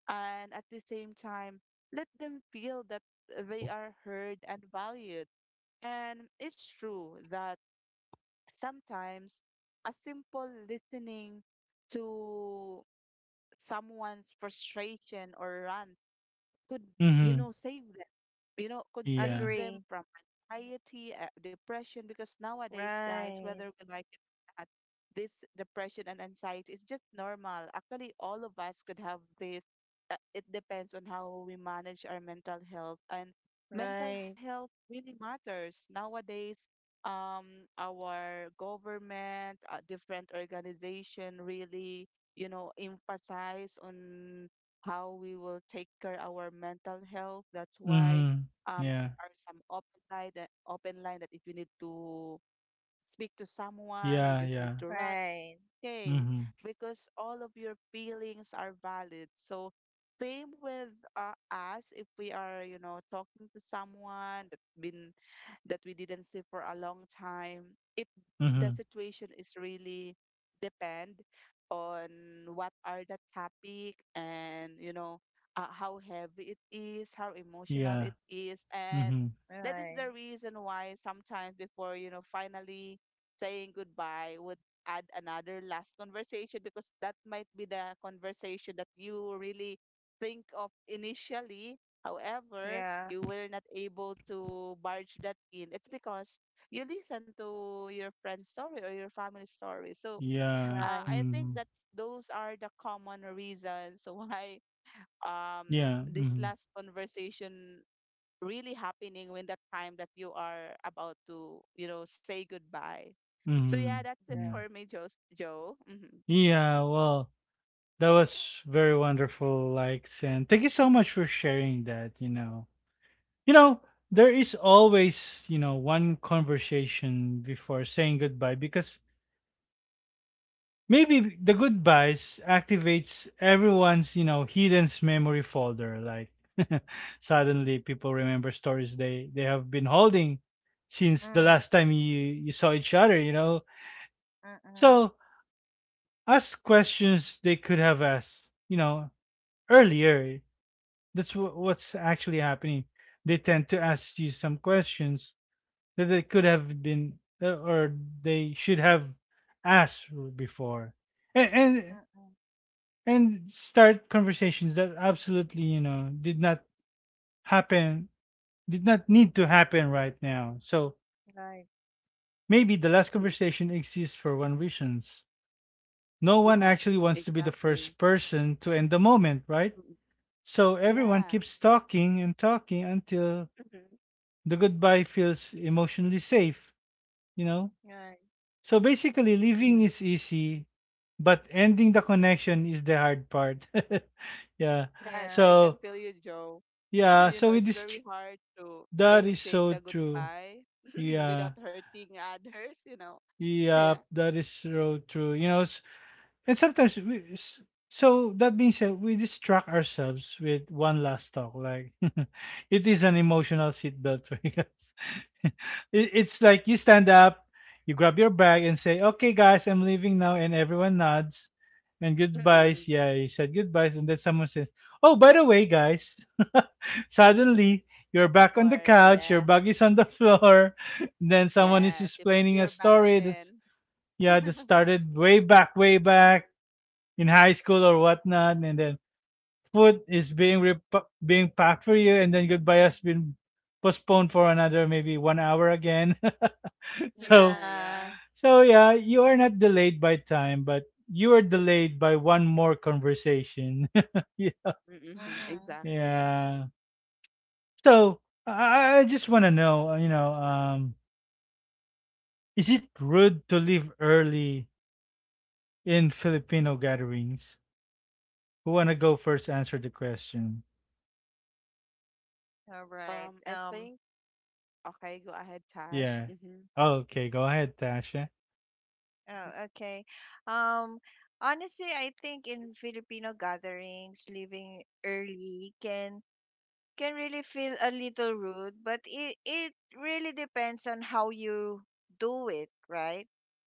Speaker 2: and at the same time let them feel that they are heard and valued. And it's true that sometimes a simple listening to someone's frustration or rant could, you know,
Speaker 1: Mhm.
Speaker 2: save them, could save
Speaker 1: Yeah.
Speaker 2: them
Speaker 3: Agree.
Speaker 2: from anxiety, depression, because nowadays, guys,
Speaker 3: Right,
Speaker 2: whether we like it or not, this depression and anxiety is just normal, actually. All of us could have this. It depends on how we manage our mental health, and mental
Speaker 3: right,
Speaker 2: health really matters nowadays. Our government, different organization, really, you know, emphasize on how we will take care our mental health. That's why
Speaker 1: Mhm.
Speaker 2: there
Speaker 1: Yeah.
Speaker 2: are some open line that if you need to speak to someone, you
Speaker 1: Yeah.
Speaker 2: just need
Speaker 1: Yeah.
Speaker 2: to run.
Speaker 3: right,
Speaker 2: Okay,
Speaker 1: Mhm.
Speaker 2: because all of your feelings are valid. So same with us, if we are, you know, talking to someone that's been, that we didn't see for a long time. It The
Speaker 1: Mhm.
Speaker 2: situation is really depend on what are the topic, and, you know, how heavy it is, how emotional it
Speaker 1: Yeah.
Speaker 2: is, and
Speaker 1: Mhm.
Speaker 2: that is the
Speaker 3: right,
Speaker 2: reason why sometimes before, you know, finally saying goodbye would add another last conversation, because that might be the conversation that you really think of initially. However, you
Speaker 3: yeah,
Speaker 2: were not able to barge that in, it's because you listen to your friend's story or your family story. So
Speaker 1: Yeah.
Speaker 2: I
Speaker 3: right,
Speaker 2: think
Speaker 1: Mhm.
Speaker 2: that's those are the common reasons <laughs> why um
Speaker 1: Yeah.
Speaker 2: this
Speaker 1: Mhm.
Speaker 2: last conversation really happening when that time that you are about to, you know, say goodbye. So yeah,
Speaker 1: Mhm.
Speaker 2: that's it
Speaker 3: yeah.
Speaker 2: for
Speaker 1: Yeah.
Speaker 2: me, Joe. Joe. Mm-hmm.
Speaker 1: Yeah. Well, that was very wonderful, likes, and thank you so much for sharing that. You know. You know, there is always, you know, one conversation before saying goodbye because maybe the goodbyes activates everyone's, you know, hidden memory folder. Like, <laughs> suddenly people remember stories they have been holding since the
Speaker 3: Mm,
Speaker 1: last time you saw each other, you know.
Speaker 3: mm-mm,
Speaker 1: So, ask questions they could have asked, you know, earlier. That's what's actually happening. They tend to ask you some questions that they could have been, or they should have asked before, and and
Speaker 3: mm-mm,
Speaker 1: and start conversations that absolutely, you know, did not happen, did not need to happen right now. So
Speaker 3: right,
Speaker 1: maybe the last
Speaker 2: Mhm.
Speaker 1: conversation exists for one reasons: no one
Speaker 2: Yeah,
Speaker 1: actually wants to be the
Speaker 2: exactly.
Speaker 1: first person to end the moment, right?
Speaker 2: Mm,
Speaker 1: So
Speaker 2: yeah.
Speaker 1: everyone
Speaker 3: mm-mm,
Speaker 1: keeps talking and talking until the goodbye feels emotionally safe, you know.
Speaker 3: right,
Speaker 1: So basically,
Speaker 2: Mhm.
Speaker 1: leaving is easy, but ending the connection is the hard part. <laughs> Yeah.
Speaker 2: Yes, I
Speaker 3: yeah,
Speaker 2: can
Speaker 1: So
Speaker 2: feel you, Joe. <laughs>
Speaker 1: yeah.
Speaker 2: You know,
Speaker 1: So
Speaker 2: it's
Speaker 1: it is.
Speaker 2: very
Speaker 1: tr-
Speaker 2: hard to
Speaker 1: That is
Speaker 2: initiate the
Speaker 1: so true.
Speaker 2: goodbye <laughs> without
Speaker 1: Yeah.
Speaker 2: hurting others, you know. <laughs> Yeah.
Speaker 1: Yeah. That is so true. You know. And so that being said, we distract ourselves with one last talk. Like, <laughs> it is an emotional seatbelt for us. <laughs> It's like you stand up, you grab your bag and say, "Okay guys, I'm leaving now," and everyone nods and
Speaker 2: Mm-mm.
Speaker 1: goodbyes. Yeah, you said goodbyes, and then someone says, "Oh, by the way, guys." <laughs> Suddenly
Speaker 2: That's
Speaker 1: you're back on the
Speaker 2: hard.
Speaker 1: couch,
Speaker 2: Yeah.
Speaker 1: your bag is on the floor, <laughs> then someone
Speaker 2: Yes.
Speaker 1: is
Speaker 2: You put your
Speaker 1: explaining a
Speaker 2: bag
Speaker 1: story
Speaker 2: again.
Speaker 1: that's, yeah, that
Speaker 2: <laughs>
Speaker 1: started way back in high school or whatnot, and then food is being being packed for you, and then goodbye has been postponed for another maybe 1 hour again. <laughs> so
Speaker 2: Yeah.
Speaker 3: yeah.
Speaker 1: so yeah, you are not delayed by time, but you are delayed by one more conversation. <laughs> Yeah.
Speaker 2: Mm-hmm.
Speaker 3: Mm-hmm.
Speaker 2: Exactly.
Speaker 1: Yeah. So I just want to know, you know, is it rude to leave early in Filipino gatherings? Who wanna go first? Answer the question.
Speaker 3: All
Speaker 2: Um,
Speaker 3: right.
Speaker 2: I think, okay, go ahead, Tash.
Speaker 1: Yeah.
Speaker 2: Mm-hmm.
Speaker 1: Oh, okay, go ahead, Tasha.
Speaker 3: Oh, okay. Um, Honestly, I think in Filipino gatherings, leaving early can really feel a little rude, but it really depends on how you do it, right?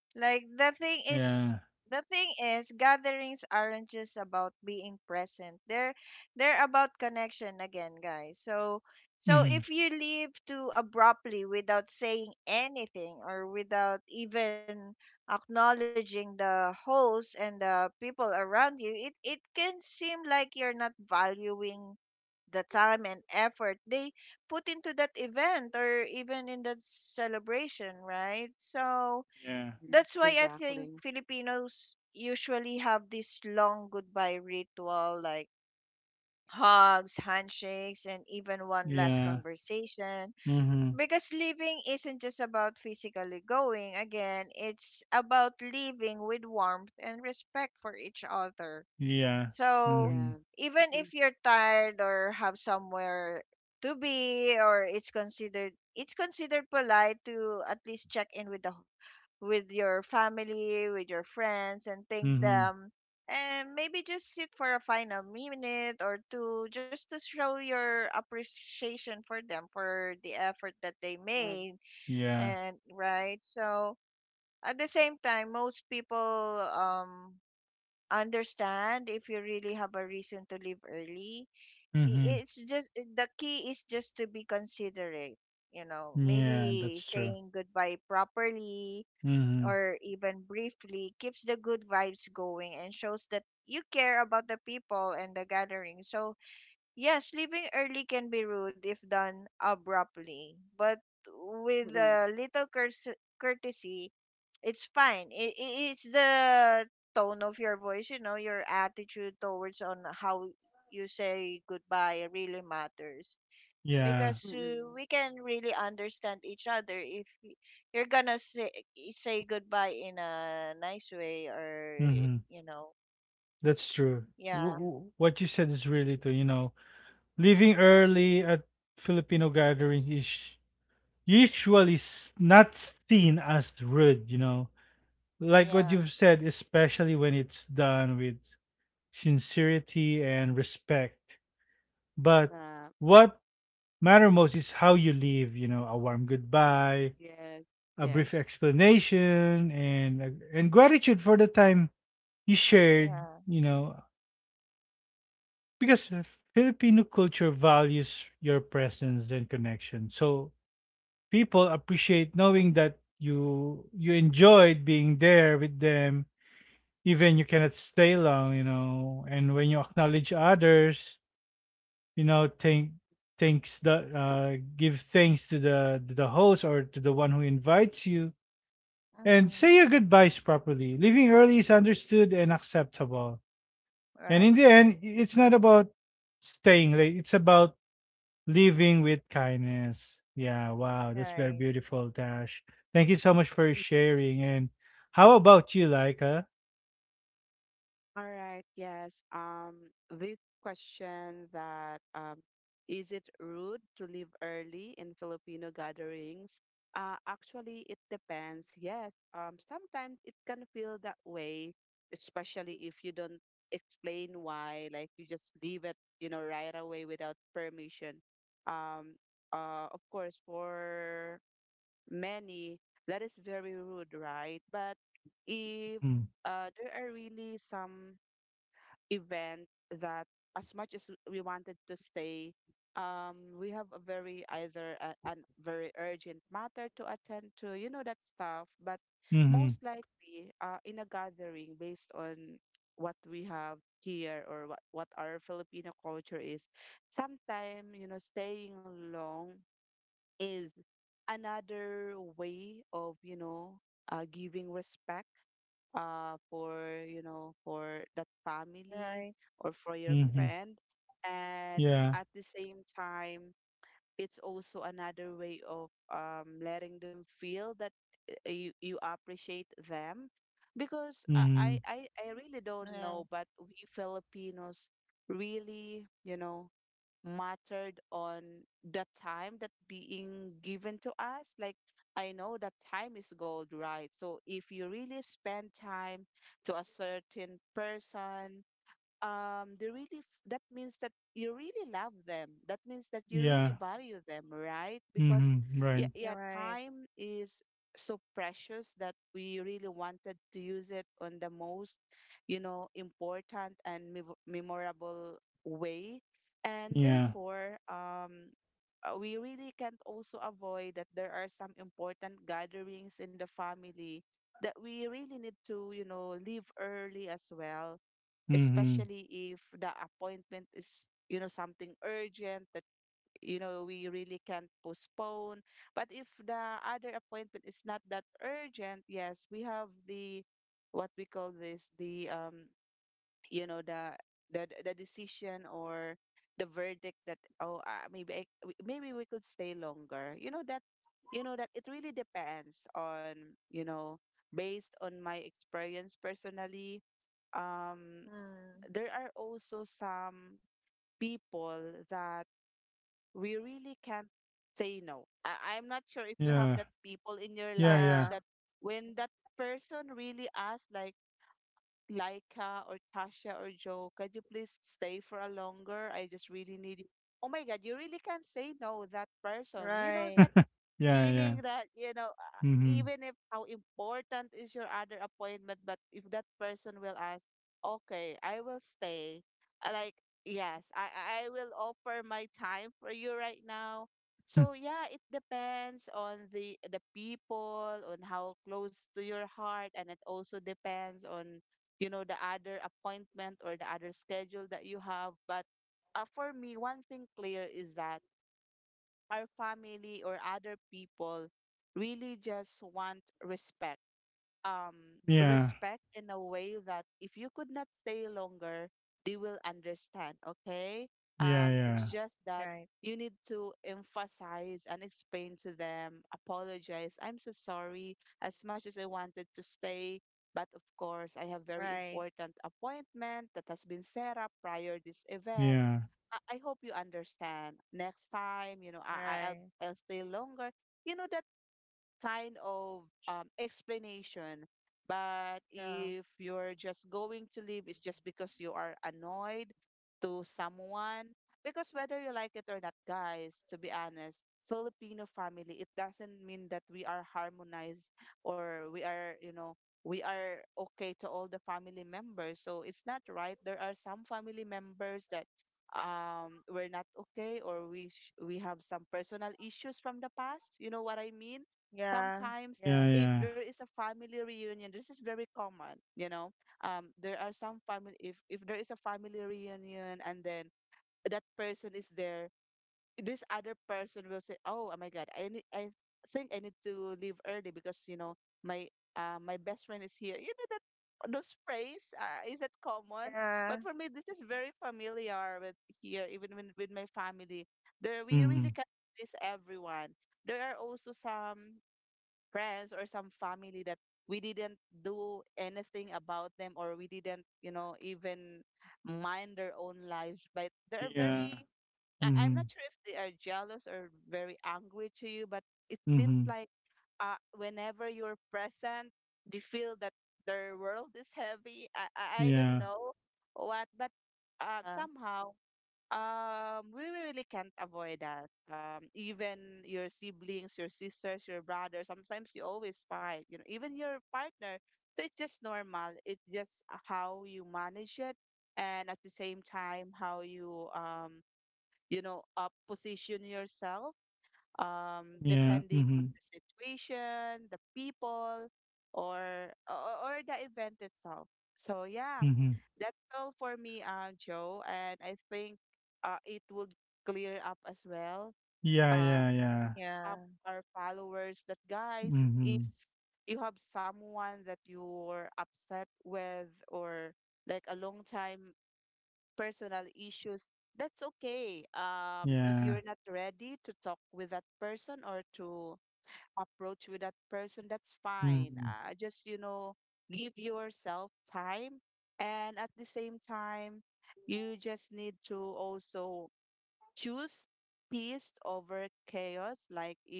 Speaker 3: Like
Speaker 1: Yeah.
Speaker 3: the thing is gatherings aren't just about being present. They're about connection again, guys. So so
Speaker 1: Mhm.
Speaker 3: if you leave too abruptly without saying anything or without even acknowledging the host and the people around you, it can seem like you're not valuing the time and effort they put into that event or even in that celebration, right? So
Speaker 1: Yeah.
Speaker 2: Mm-hmm.
Speaker 3: that's why I
Speaker 2: Exactly.
Speaker 3: think Filipinos usually have this long goodbye ritual, like hugs, handshakes, and even one last
Speaker 1: Yeah.
Speaker 3: conversation.
Speaker 1: Mhm.
Speaker 3: Because leaving isn't just about physically going, again, it's about leaving with warmth and respect for each other.
Speaker 1: Yeah.
Speaker 2: Yeah.
Speaker 3: So,
Speaker 1: Mhm.
Speaker 2: Mm-hmm.
Speaker 3: even if you're tired or have somewhere to be, or it's considered polite to at least check in with the with your family, with your friends, and thank
Speaker 1: Mhm.
Speaker 3: them. And maybe just sit for a final minute or two just to show your appreciation for them for the effort that they
Speaker 2: Yeah.
Speaker 3: made.
Speaker 1: Yeah.
Speaker 3: And right, so at the same time, most people um, understand if you really have a reason to leave early.
Speaker 1: Mhm.
Speaker 3: It's just the key is just to be considerate, you know,
Speaker 1: Yeah,
Speaker 3: maybe
Speaker 1: that's true.
Speaker 3: saying goodbye properly
Speaker 1: Mhm.
Speaker 3: or even briefly keeps the good vibes going and shows that you care about the people and the gathering. So, yes, leaving early can be rude if done abruptly, but with
Speaker 2: Mm-mm.
Speaker 3: a little courtesy, it's fine. It's the tone of your voice, you know, your attitude towards on how you say goodbye really matters
Speaker 1: Yeah.
Speaker 3: because
Speaker 2: Mm-mm.
Speaker 3: we can really understand each other if y- you're gonna say goodbye in a nice way or
Speaker 1: Mhm.
Speaker 3: you know.
Speaker 1: That's true.
Speaker 2: Yeah.
Speaker 3: Yeah,
Speaker 1: What you said is really true, you know. Leaving early at Filipino gatherings is usually not seen as rude, you know. Like what
Speaker 3: yeah,
Speaker 1: you've said, especially when it's done with sincerity and respect. But
Speaker 2: Yeah.
Speaker 1: what matter most is how you leave, you know: a warm goodbye,
Speaker 2: Yes.
Speaker 1: a
Speaker 2: Yes.
Speaker 1: brief explanation, and and gratitude for the time you shared,
Speaker 3: yeah.
Speaker 1: you know, because Filipino culture values your presence and connection. So people appreciate knowing that you enjoyed being there with them, even you cannot stay long, you know. And when you acknowledge others, you know, thank, thanks the give thanks to the host, or to the one who invites you, and say
Speaker 3: Mm-mm.
Speaker 1: your goodbyes properly, leaving early is understood and acceptable. And in
Speaker 3: Right,
Speaker 1: the end, it's not about staying late, it's about leaving with kindness. Yeah, wow, that's very
Speaker 3: right,
Speaker 1: beautiful, Tash. Thank you so much for sharing. And how about you, Laika?
Speaker 2: All right, yes. This question that is it rude to leave early in Filipino gatherings? Actually, it depends. Yes, sometimes it can feel that way, especially if you don't explain why, like you just leave it, you know, right away without permission. Um, of course, for many, that is very rude, right? But if
Speaker 1: Mm.
Speaker 2: there are really some event that as much as we wanted to stay, we have a very either a, an very urgent matter to attend to, you know, that stuff. But most
Speaker 1: Mm-hmm.
Speaker 2: likely, in a gathering based on what we have here, or what our Filipino culture is, sometimes, you know, staying long is another way of, you know, giving respect, for, you know, for that
Speaker 3: right,
Speaker 2: family or for your
Speaker 1: Mm-hmm.
Speaker 2: friend, and at
Speaker 1: Yeah.
Speaker 2: the same time it's also another way of letting them feel that you, you appreciate them, because I
Speaker 1: Mm-hmm.
Speaker 2: I really don't
Speaker 3: right.
Speaker 2: know, but we Filipinos really, you know, mattered on the time that being given to us. Like, I know that time is gold, right? So if you really spend time to a certain person, they really that means that you really love them, that means that you really
Speaker 1: Yeah.
Speaker 2: value them, right? Because
Speaker 1: Mm-hmm.
Speaker 2: yeah,
Speaker 1: Right.
Speaker 2: yeah,
Speaker 3: You're right.
Speaker 2: time is so precious that we really wanted to use it on the most, you know, important and memorable way, and
Speaker 1: Yeah.
Speaker 2: therefore we really can't also avoid that there are some important gatherings in the family that we really need to, you know, leave early as well, especially
Speaker 1: Mm-hmm.
Speaker 2: if the appointment is, you know, something urgent that, you know, we really can't postpone. But if the other appointment is not that urgent, yes, we have the, what we call this, the you know, the, the decision, or the verdict, that oh, maybe maybe we could stay longer, you know, that, you know, that it really depends on, you know, based on my experience personally. um
Speaker 3: Mm.
Speaker 2: there are also some people that we really can't say no. I'm not sure if you have that
Speaker 1: Yeah.
Speaker 2: people in your life
Speaker 1: Yeah,
Speaker 2: that
Speaker 1: yeah.
Speaker 3: Yeah.
Speaker 2: when that person really asks, like, Laika or Tasha or Joe, could you please stay for a longer? I just really need. You." Oh my God, you really can't say no that person. You know that
Speaker 3: Right,
Speaker 1: <laughs> Yeah,
Speaker 2: feeling
Speaker 1: yeah.
Speaker 2: that, you know, even
Speaker 1: Mhm.
Speaker 2: if how important is your other appointment, but if that person will ask, okay, I will stay, like, yes, I will offer my time for you right now. So
Speaker 1: Hmm.
Speaker 2: yeah, it depends on the people on how close to your heart, and it also depends on, you know, the other appointment or the other schedule that you have. But for me, one thing clear is that our family or other people really just want respect, um,
Speaker 1: <laughs> Yeah.
Speaker 2: respect in a way that if you could not stay longer, they will understand. Okay. Um,
Speaker 1: Yeah,
Speaker 2: it's just
Speaker 1: yeah.
Speaker 2: that
Speaker 3: right,
Speaker 2: you need to emphasize and explain to them, apologize. I'm so sorry. As much as I wanted to stay, but of course, I have very
Speaker 3: right,
Speaker 2: important appointment that has been set up prior this event.
Speaker 1: Yeah.
Speaker 2: I hope you understand. Next time, you know,
Speaker 3: right.
Speaker 2: I'll stay longer. You know, that kind of explanation. But if
Speaker 3: Yeah,
Speaker 2: you're just going to leave, it's just because you are annoyed to someone. Because whether you like it or not, guys, to be honest, Filipino family, it doesn't mean that we are harmonized, or we are, you know, we are okay to all the family members. So it's not right. There are some family members that we're not okay, or we have some personal issues from the past, you know what I mean,
Speaker 3: yeah,
Speaker 2: sometimes.
Speaker 3: yeah,
Speaker 1: Yeah,
Speaker 2: If there
Speaker 1: yeah.
Speaker 2: is a family reunion, this is very common, you know. There are some family, if there is a family reunion, and then that person is there, this other person will say, oh, oh my God, I think I need to leave early because, you know, my, my best friend is here. You know, that those phrase, is that common. But for me, this is very familiar with here, even when, with my family. There we really can
Speaker 1: Mhm.
Speaker 2: please everyone. There are also some friends or some family that we didn't do anything about them, or we didn't, you know, even mind their own lives. But they're very,
Speaker 1: Yeah.
Speaker 2: I'm not sure
Speaker 1: Mhm.
Speaker 2: if they are jealous or very angry to you, but it seems like
Speaker 1: Mhm.
Speaker 2: whenever you're present, they feel that their world is heavy. I don't
Speaker 1: Yeah.
Speaker 2: know what, but
Speaker 3: yeah,
Speaker 2: somehow we really can't avoid that. Even your siblings, your sisters, your brother, sometimes you always fight, you know, even your partner. So it's just normal. It's just how you manage it, and at the same time how you you know position yourself,
Speaker 1: Yeah.
Speaker 2: depending on the
Speaker 1: Mhm.
Speaker 2: situation, the people, or the event itself. So yeah,
Speaker 1: Mhm.
Speaker 2: that's all for me, Joe, and I think it would clear up as well
Speaker 1: Yeah,
Speaker 2: uh,
Speaker 1: yeah, yeah.
Speaker 3: yeah,
Speaker 2: some of
Speaker 3: yeah.
Speaker 2: our followers, that guys, if
Speaker 1: Mhm.
Speaker 2: you have someone that you're upset with, or like a long time personal issues, that's okay. If you're not
Speaker 1: Yeah.
Speaker 2: ready to talk with that person or to approach with that person, that's fine.
Speaker 1: Mhm.
Speaker 2: Just, you know, give yourself time. And at the same time, you just need to also choose peace over chaos. Like, if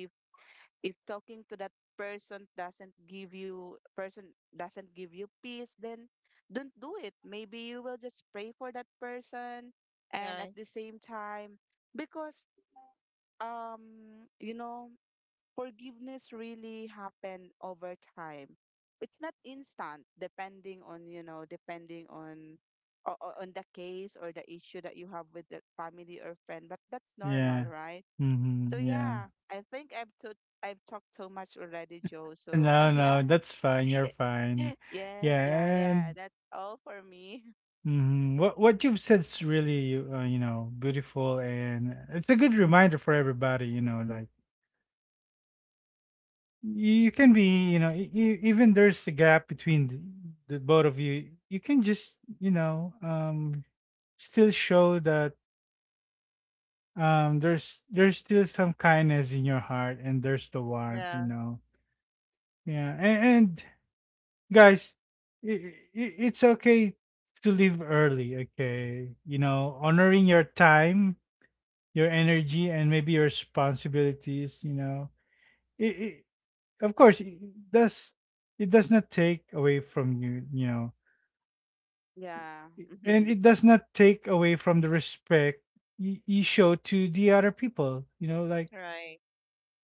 Speaker 2: if talking to that person doesn't give you peace, then don't do it. Maybe you will just pray for that person, and at the
Speaker 3: Right.
Speaker 2: same time, because you know, forgiveness really happen over time. It's not instant, depending on, you know, depending on on the case or the issue that you have with the family or friend. But that's normal,
Speaker 1: Yeah.
Speaker 2: right? So
Speaker 1: Mhm.
Speaker 2: yeah,
Speaker 1: Yeah.
Speaker 2: I think I've to, I've talked so much already, Joe. So <laughs>
Speaker 1: No,
Speaker 2: yeah,
Speaker 1: no, that's fine. You're
Speaker 2: <laughs>
Speaker 1: fine.
Speaker 2: yeah,
Speaker 1: Yeah,
Speaker 2: yeah, yeah. That's
Speaker 1: and
Speaker 2: all for me.
Speaker 1: mhm. What you've said is really, you know, beautiful, and it's a good reminder for everybody. You know, like, you can be, you know, even there's a gap between the both of you, you can just, you know, still show that, there's still some kindness in your heart, and there's the warmth, you
Speaker 3: Yeah.
Speaker 1: know. Yeah, and guys, I it's okay to leave early, okay, you know, honoring your time, your energy, and maybe your responsibilities, you know. It, of course, it does, it does not take away from you, you know,
Speaker 2: Yeah.
Speaker 1: and
Speaker 2: <laughs>
Speaker 1: it does not take away from the respect you, you show to the other people, you know. Like,
Speaker 3: Right.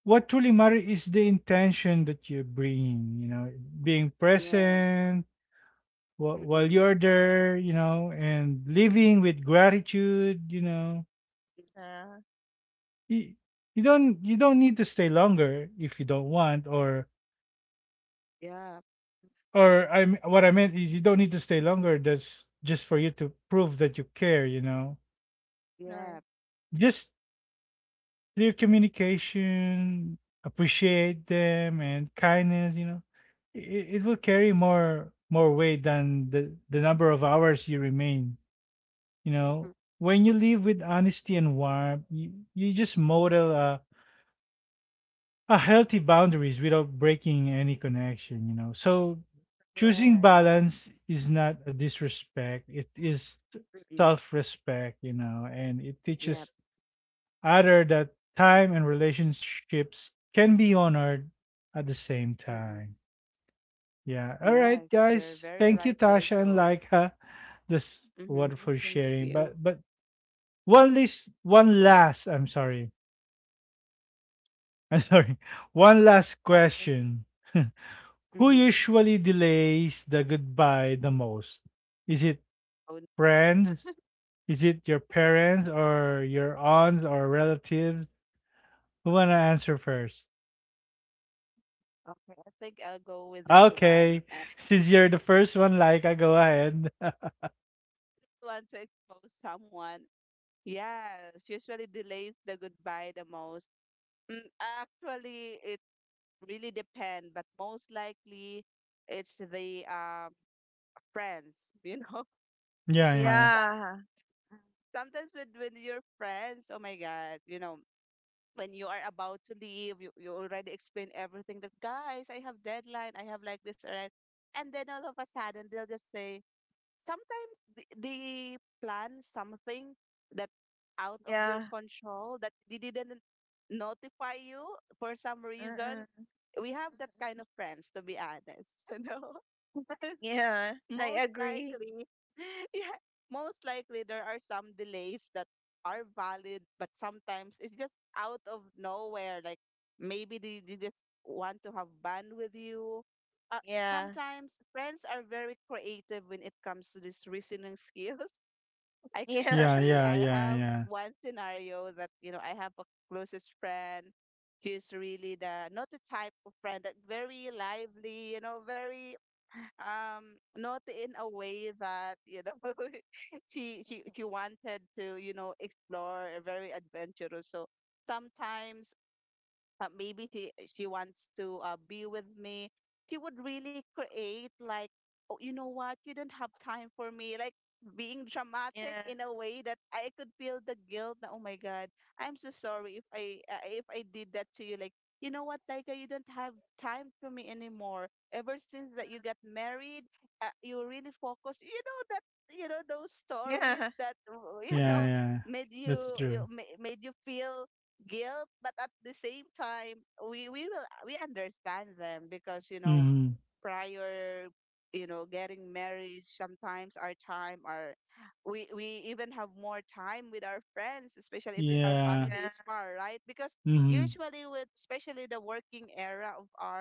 Speaker 1: what truly matters is the intention that you're bringing, you know, being
Speaker 2: Yes.
Speaker 1: present while
Speaker 2: Mm-mm.
Speaker 1: while you're there, you know, and living with gratitude, you know.
Speaker 3: Yeah. Right,
Speaker 1: you, you don't, you don't need to stay longer if you don't want, or
Speaker 2: Yeah.
Speaker 1: or I what I meant is, you don't need to stay longer. That's just for you to prove that you care. You know,
Speaker 2: Yeah.
Speaker 3: right,
Speaker 1: just clear communication, appreciate them, and kindness. You know, it will carry more weight than the number of hours you remain. You
Speaker 2: <laughs>
Speaker 1: know, when you live with honesty and warmth, you just model a healthy boundaries without breaking any connection, you know. So choosing
Speaker 3: correct.
Speaker 2: Yeah.
Speaker 1: balance is not a disrespect. It is
Speaker 2: Mm-mm.
Speaker 1: self-respect, you know, and it
Speaker 2: Yep.
Speaker 1: teaches other that time and relationships can be honored at the same
Speaker 2: Mm-mm.
Speaker 1: time. Yeah. All
Speaker 2: Yes,
Speaker 1: right,
Speaker 2: you're very
Speaker 1: guys.
Speaker 2: right
Speaker 1: Thank you,
Speaker 2: there,
Speaker 1: Tasha
Speaker 2: Joe.
Speaker 1: and Laika. This
Speaker 2: Mm-hmm.
Speaker 1: wonderful
Speaker 2: Thank
Speaker 1: sharing.
Speaker 2: you.
Speaker 1: But one last, I'm sorry. I'm sorry. <laughs> One last
Speaker 2: Okay.
Speaker 1: question. <laughs> Who
Speaker 2: Mm-hmm.
Speaker 1: usually delays the goodbye the most? Is it
Speaker 2: Oh,
Speaker 1: friends? Is it your parents, or your aunts, or relatives? Who wanna answer first?
Speaker 2: okay. I think I'll go with this one. And
Speaker 1: Okay,
Speaker 2: if
Speaker 1: <laughs> since you're the first one, like, I go ahead. <laughs>
Speaker 2: you want to expose someone, yes, usually delays the goodbye the most. Mm, actually, it really depends, but most likely it's the friends, you know. <laughs>
Speaker 1: Yeah, yeah,
Speaker 2: Sometimes,
Speaker 3: Yeah. Mm.
Speaker 2: sometimes, with your friends, oh my God, you know, when you are about to leave, you already explain everything, that guys, I have deadline, I have like this already. And then all of a sudden they'll just say, sometimes they plan something that out of your
Speaker 3: Yeah.
Speaker 2: control that they didn't notify you for some reason.
Speaker 3: Mm-mm.
Speaker 2: We have that kind of friends, to be honest, <laughs> you know.
Speaker 3: Yeah.
Speaker 2: Most
Speaker 3: I agree.
Speaker 2: likely, <laughs> yeah, most likely there are some delays that are valid, but sometimes it's just out of nowhere. Like, maybe they just want to have fun with you. Sometimes
Speaker 3: Yeah.
Speaker 2: friends are very creative when it comes to these reasoning <laughs> skills. I couldn't
Speaker 3: Yeah.
Speaker 2: agree.
Speaker 1: yeah,
Speaker 2: I
Speaker 3: <laughs>
Speaker 1: yeah,
Speaker 2: have
Speaker 1: yeah, yeah,
Speaker 2: one scenario that, you know, I have a closest friend. She's really the not the type of friend that very lively, you know, very not in a way that, you know, <laughs> she wanted to, you know, explore, very adventurous. So sometimes maybe she wants to be with me, she would really create like, oh, you know what, you don't have time for me, like being dramatic
Speaker 3: Yeah.
Speaker 2: in a way that I could feel the guilt na, oh my god, I'm so sorry if I if I did that to you, like, you know what, Taika, you don't have time for me anymore ever since that you got married, you really focused, you know, that you know those stories
Speaker 3: Yeah.
Speaker 2: that <laughs> you know
Speaker 1: yeah,
Speaker 3: Mhm.
Speaker 1: yeah.
Speaker 2: made you
Speaker 1: That's true.
Speaker 2: made you feel guilt, but at the same time, we will we understand them, because you know,
Speaker 1: Mm-hmm.
Speaker 2: prior, you know, getting married, sometimes our time our, we even have more time with our friends, especially if our family
Speaker 1: Yeah.
Speaker 2: is
Speaker 3: Yeah.
Speaker 2: far, right? Because
Speaker 1: Mm-hmm.
Speaker 2: usually with, especially the working era of ours,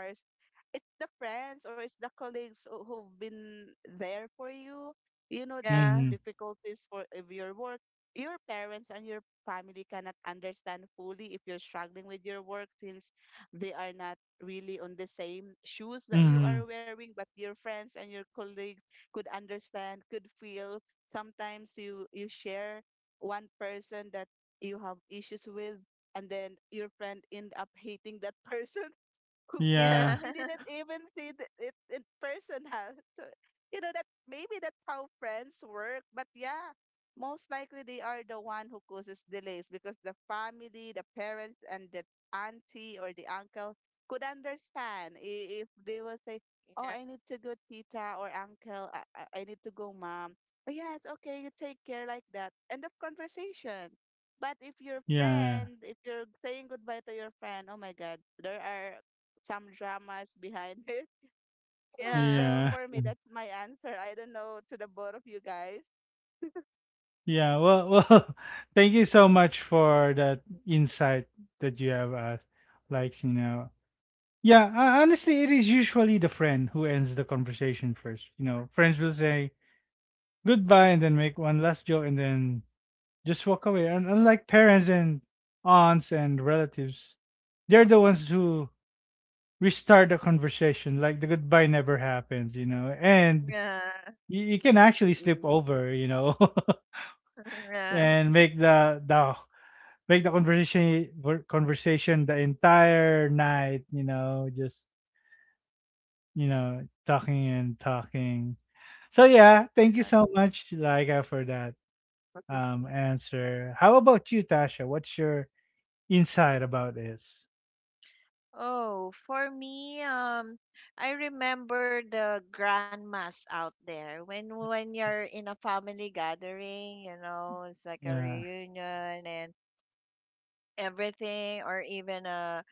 Speaker 2: it's the friends or it's the colleagues who've been there for you. You know, like
Speaker 3: Yeah.
Speaker 1: Mm-hmm.
Speaker 2: difficulties for of your work, your parents and your family cannot understand fully if you're struggling with your work, since they are not really on the same shoes that you are
Speaker 1: Mm-hmm.
Speaker 2: wearing, but your friends and your colleagues could understand, could feel. Sometimes you share one person that you have issues with, and then your friend end up hating that <laughs> person who, that they
Speaker 1: Yeah.
Speaker 3: Yeah.
Speaker 2: didn't
Speaker 3: <laughs>
Speaker 2: even see it in personal. <laughs> So, you know that maybe that's how friends work. But yeah, most likely they are the one who causes delays, because the family, the parents, and the auntie or the uncle could understand, if they will say, "Oh, I need
Speaker 3: Yeah.
Speaker 2: to go, tita or uncle. I need to go, mom." Oh, yeah, it's okay. You take care, like that. End of conversation. But if your friend,
Speaker 1: Yeah.
Speaker 2: if you're saying goodbye to your friend, oh my God, there are some dramas behind it. <laughs> So for me,
Speaker 1: Yeah.
Speaker 2: that's my
Speaker 1: <laughs>
Speaker 2: answer. I don't know to the both of you guys.
Speaker 1: Yeah, well, well, <laughs> thank you so much for that insight that you have. Like, you know, yeah, honestly, it is usually the friend who ends the conversation first. You know, friends will say goodbye, and then make one last joke, and then just walk away. And unlike parents and aunts and relatives, they're the ones who restart the conversation. Like, the goodbye never happens, you know,
Speaker 3: Yeah.
Speaker 1: and
Speaker 3: Yeah.
Speaker 1: you can actually
Speaker 2: Mm-mm.
Speaker 1: slip over, you know, <laughs>
Speaker 3: <laughs>
Speaker 1: and make the make the conversation conversation the entire night, you know, just, you know, talking and talking. So yeah, thank you
Speaker 3: Yeah.
Speaker 1: so much, Laika, for that answer. How about you, Tasha? What's your insight about this?
Speaker 3: Oh, for me, I remember the grandmas out there when you're in a family gathering, you know, it's like a
Speaker 1: Yeah.
Speaker 3: reunion and everything, or even a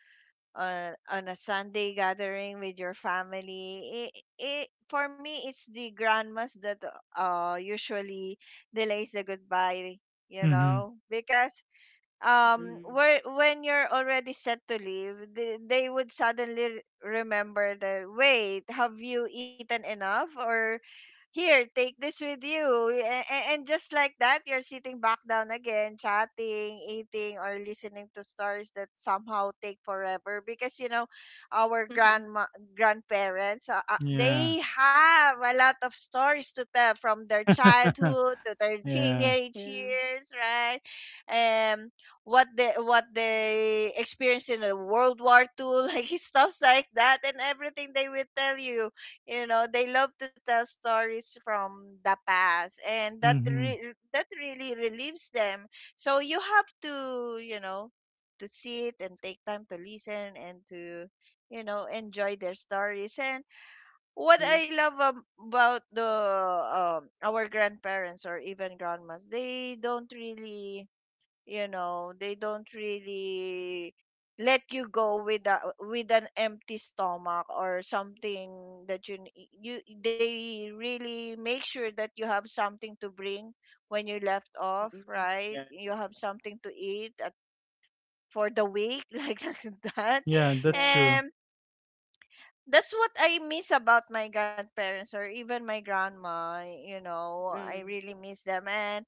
Speaker 3: on a Sunday gathering with your family. It for me it's the grandmas that usually delays the goodbye, you
Speaker 1: Mm-hmm.
Speaker 3: know, because where when you're already set to leave, they would suddenly remember that, wait, have you eaten enough, or here, take this with you, and just like that you're sitting back down again, chatting, eating, or listening to stories that somehow take forever, because, you know, our
Speaker 2: Mm-mm. <laughs>
Speaker 3: grandma grandparents,
Speaker 1: Yeah.
Speaker 3: they have a lot of stories to tell from their
Speaker 1: <laughs>
Speaker 3: childhood to their <laughs>
Speaker 1: Yeah.
Speaker 3: teenage
Speaker 2: Yeah.
Speaker 3: years, right? um what they experienced in the World War II, <laughs> like stuff like that, and everything they will tell you. You know, they love to tell stories from the past, and
Speaker 1: Mm-hmm.
Speaker 3: that really relieves them. So you have to, you know, to sit and take time to listen and to, you know, enjoy their stories. And
Speaker 2: Mm.
Speaker 3: what I love about the our grandparents or even grandmas, they don't really let you go with an empty stomach or something that you, they really make sure that you have something to bring when you left off,
Speaker 2: Mm-mm.
Speaker 3: right?
Speaker 1: Yeah.
Speaker 3: You have something to eat for the week, <laughs> like that.
Speaker 1: Yeah,
Speaker 2: Yeah.
Speaker 1: that's true.
Speaker 3: And that's what I miss about my grandparents or even my grandma,
Speaker 2: Mm.
Speaker 3: I really miss them. And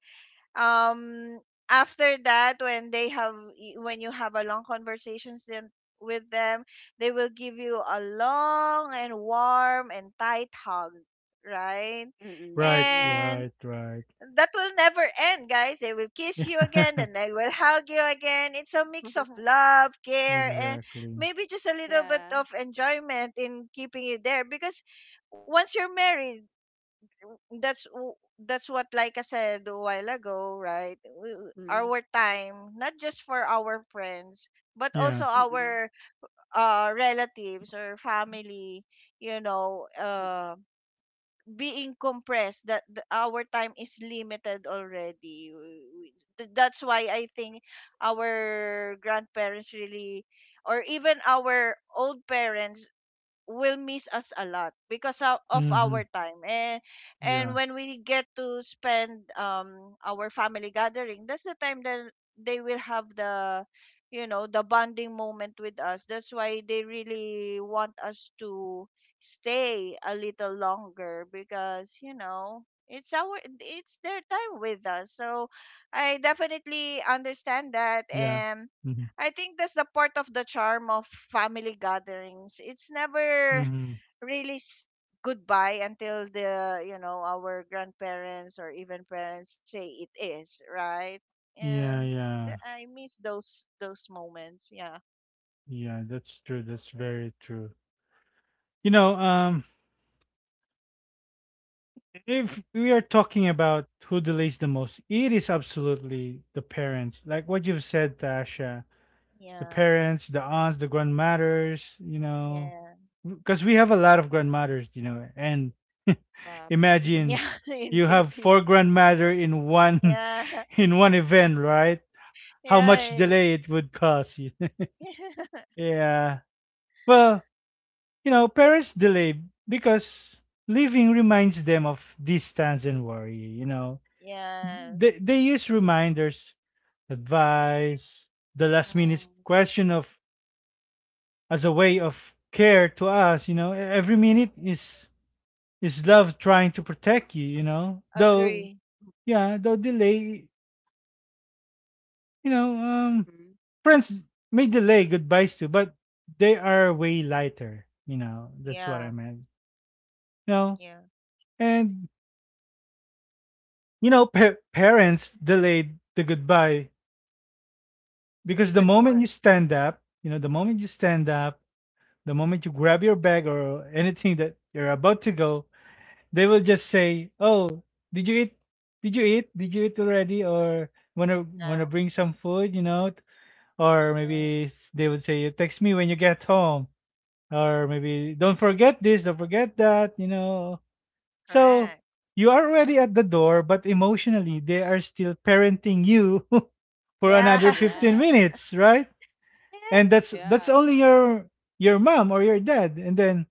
Speaker 3: um after that, when you have a long conversations then with them, they will give you a long and warm and tight hug, right?
Speaker 2: Mm-mm. Yeah.
Speaker 1: Right,
Speaker 3: And
Speaker 1: right, right. <laughs>
Speaker 3: that will never end, guys, they will kiss you again, then they will hug you again. It's a mix
Speaker 2: <laughs>
Speaker 3: of love,
Speaker 1: Yeah,
Speaker 3: care, and
Speaker 1: exactly.
Speaker 3: maybe just a little
Speaker 2: yeah.
Speaker 3: bit of enjoyment in keeping you there, because once you're married, that's w- that's what, like I said a while ago, right? We, we-
Speaker 2: Mm.
Speaker 3: our time, not just for our friends, but
Speaker 1: Yeah.
Speaker 3: also
Speaker 2: Mm-mm.
Speaker 3: our relatives or family, you know, being compressed, our time is limited already. That's why I think our grandparents really, or even our old parents, will miss us a lot because of
Speaker 1: Mm-hmm.
Speaker 3: our time. And
Speaker 1: Yeah.
Speaker 3: when we get to spend our family gathering, that's the time that they will have the you know the bonding moment with us. That's why they really want us to stay a little longer, because, it's their time with us. So I definitely
Speaker 1: Yeah.
Speaker 3: understand that.
Speaker 1: Mm-hmm.
Speaker 3: And I think that's the part of the charm of family gatherings. It's never
Speaker 1: Mhm.
Speaker 3: really goodbye until our grandparents or even parents say it is, right? And
Speaker 1: Yeah, yeah.
Speaker 3: I miss those moments. Yeah.
Speaker 1: Yeah, that's true. That's very true. You know, if we are talking about who delays the most, it is absolutely the parents. Like what you've said, Tasha, the
Speaker 3: Yeah.
Speaker 1: parents, the aunts, the grandmothers, you know,
Speaker 3: Yeah.
Speaker 1: because we have a lot of grandmothers, you know, and <laughs>
Speaker 2: Yep. Mm. Yup. <laughs>
Speaker 3: Yeah,
Speaker 1: imagine
Speaker 3: <laughs> in
Speaker 1: you have
Speaker 3: Filipino.
Speaker 1: four grandmother in one
Speaker 3: Yeah.
Speaker 1: <laughs>
Speaker 3: <laughs>
Speaker 1: in one event, right? How much
Speaker 3: Right.
Speaker 1: delay it would cause you. <laughs>
Speaker 3: <laughs>
Speaker 1: Yeah. Well, you know, parents delay because living reminds them of distance and worry, you know.
Speaker 3: Yeah.
Speaker 1: They, use reminders, advice, the last minute
Speaker 3: Mm.
Speaker 1: question of, as a way of care to us, you know. Every minute is love trying to protect you, you know. Though
Speaker 3: Agree.
Speaker 1: yeah, though delay, you know,
Speaker 2: Mm.
Speaker 1: friends may delay goodbyes too, but they are way lighter, you know. That's what I
Speaker 3: Yeah.
Speaker 1: meant. You know,
Speaker 3: Yeah.
Speaker 1: and, you know, parents delayed the goodbye because the
Speaker 3: Even
Speaker 1: moment you
Speaker 3: more.
Speaker 1: stand up, you know, the moment you stand up, the moment you grab your bag or anything that you're about to go, they will just say, "Oh, did you eat? Did you eat? Did you eat already? Or wanna wanna
Speaker 3: Yeah.
Speaker 1: bring some food? You know?" Or
Speaker 3: Yeah.
Speaker 1: maybe they would say, "Text me when you get home." Or maybe, "Don't forget this, don't forget that," you know. So
Speaker 3: Correct.
Speaker 1: you are already at the door, but emotionally they are still parenting you <laughs> for
Speaker 3: Yeah.
Speaker 1: another
Speaker 2: Yeah.
Speaker 1: 15
Speaker 3: <laughs>
Speaker 1: minutes, right? And
Speaker 3: Yeah.
Speaker 2: Yep.
Speaker 1: that's only your mom or your dad. And then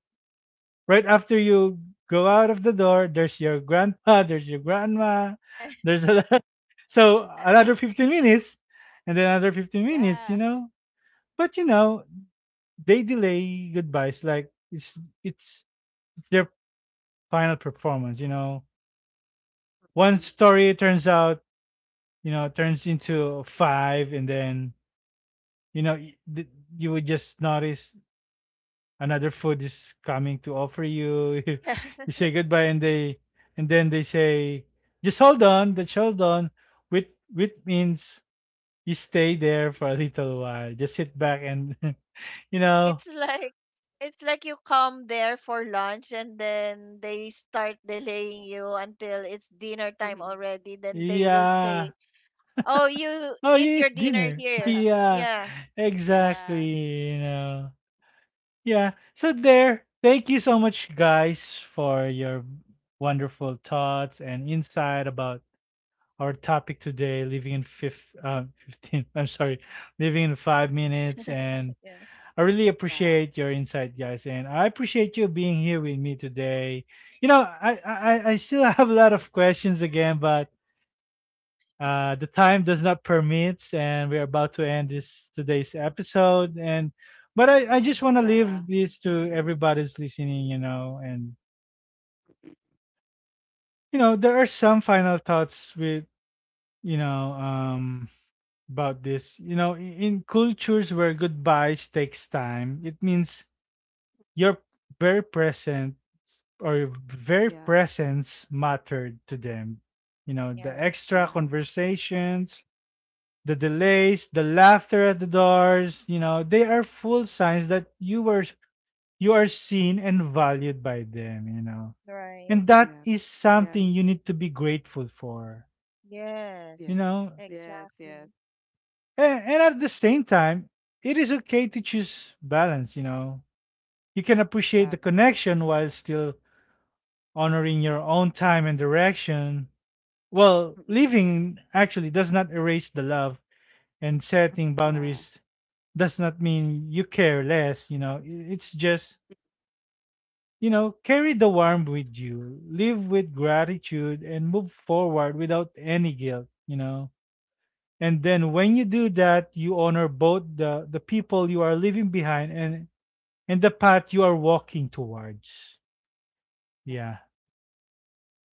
Speaker 1: right after you go out of the door, there's your grandpa, there's your grandma,
Speaker 3: <laughs>
Speaker 1: there's a lot. <laughs> So another 15 minutes, and then another 15
Speaker 2: Yeah.
Speaker 1: minutes, you know. But you know, they delay goodbyes like it's it's their final performance, you know.
Speaker 2: Mm-mm.
Speaker 1: One story turns out, you know, turns into five, and then, you know, you would just notice another food is coming to offer you. <laughs>
Speaker 3: Yeah.
Speaker 1: You say goodbye, and they, and then they say, "Just hold on, just hold on," which means you stay
Speaker 2: Mm-mm.
Speaker 1: there for a little while, just sit back, and <laughs> you know,
Speaker 3: It's like it's like you come there for lunch and then they start delaying you until it's dinner time already. Then they will
Speaker 1: yeah,
Speaker 3: say, "Oh, you
Speaker 1: oh,
Speaker 3: eat
Speaker 1: you eat
Speaker 3: your dinner
Speaker 1: dinner.
Speaker 2: Mm-mm.
Speaker 1: <laughs>
Speaker 3: here."
Speaker 1: Yeah,
Speaker 3: Yeah.
Speaker 2: <laughs> yeah.
Speaker 1: exactly, you know. Yeah. So there. Thank you so much, guys, for your wonderful thoughts and insight about our topic today, living in fifth, <laughs> 15. I'm sorry, living in 5 minutes. And
Speaker 3: Yeah.
Speaker 1: I really
Speaker 2: Yeah.
Speaker 1: appreciate your insight, guys. And I appreciate you being here with me today. You know, I still <laughs> have a lot of questions again, but the time does not permit, and we're about to end this today's episode. And but I just want to
Speaker 2: Yeah.
Speaker 1: leave this to everybody's listening, you know. And
Speaker 2: Mm.
Speaker 1: you know, there are some final thoughts with, you know, about this. You know, in cultures where goodbyes takes time, it means your very present, or your
Speaker 2: Yeah.
Speaker 1: very presence mattered to them. You know, the
Speaker 3: Yeah.
Speaker 2: Yeah.
Speaker 1: extra conversations, the
Speaker 2: Mm-hmm.
Speaker 1: delays, the laughter at the doors, you know, they are full signs that you were, you are seen and valued by them, you know.
Speaker 3: Right.
Speaker 2: Yeah.
Speaker 1: And that is
Speaker 2: Yes.
Speaker 1: something you need to be grateful for,
Speaker 2: Yes.
Speaker 1: you
Speaker 3: Yes.
Speaker 1: know.
Speaker 2: Yes, yes.
Speaker 3: Exactly.
Speaker 1: And at the same time, it is okay to choose balance, you know. You can
Speaker 2: Yeah.
Speaker 1: appreciate the connection while still honoring your own time and direction.
Speaker 2: Mm-mm.
Speaker 1: Well, leaving actually does not erase the love, and setting
Speaker 2: Yeah.
Speaker 1: boundaries does not mean you care less, you know. It's just, you know, carry the warmth with you, live with gratitude, and move forward without any guilt, you know. And
Speaker 2: Yeah.
Speaker 1: then when you do that, you honor both the people you are leaving behind, and the path you are walking towards.
Speaker 2: Yeah.
Speaker 1: Yeah.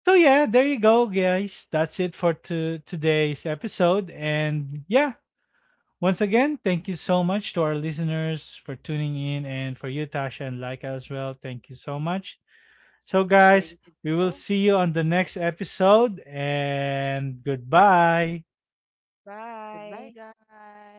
Speaker 1: So yeah, there you go, guys. That's it for to today's episode. And yeah, once again, thank you so much to our listeners for tuning in, and for you, Tasha and Laika as well. Thank you so much. So,
Speaker 2: Thank you,
Speaker 1: guys,
Speaker 2: Joe.
Speaker 1: we will see you on the next episode, and goodbye.
Speaker 2: Goodbye,
Speaker 3: Bye.
Speaker 2: guys.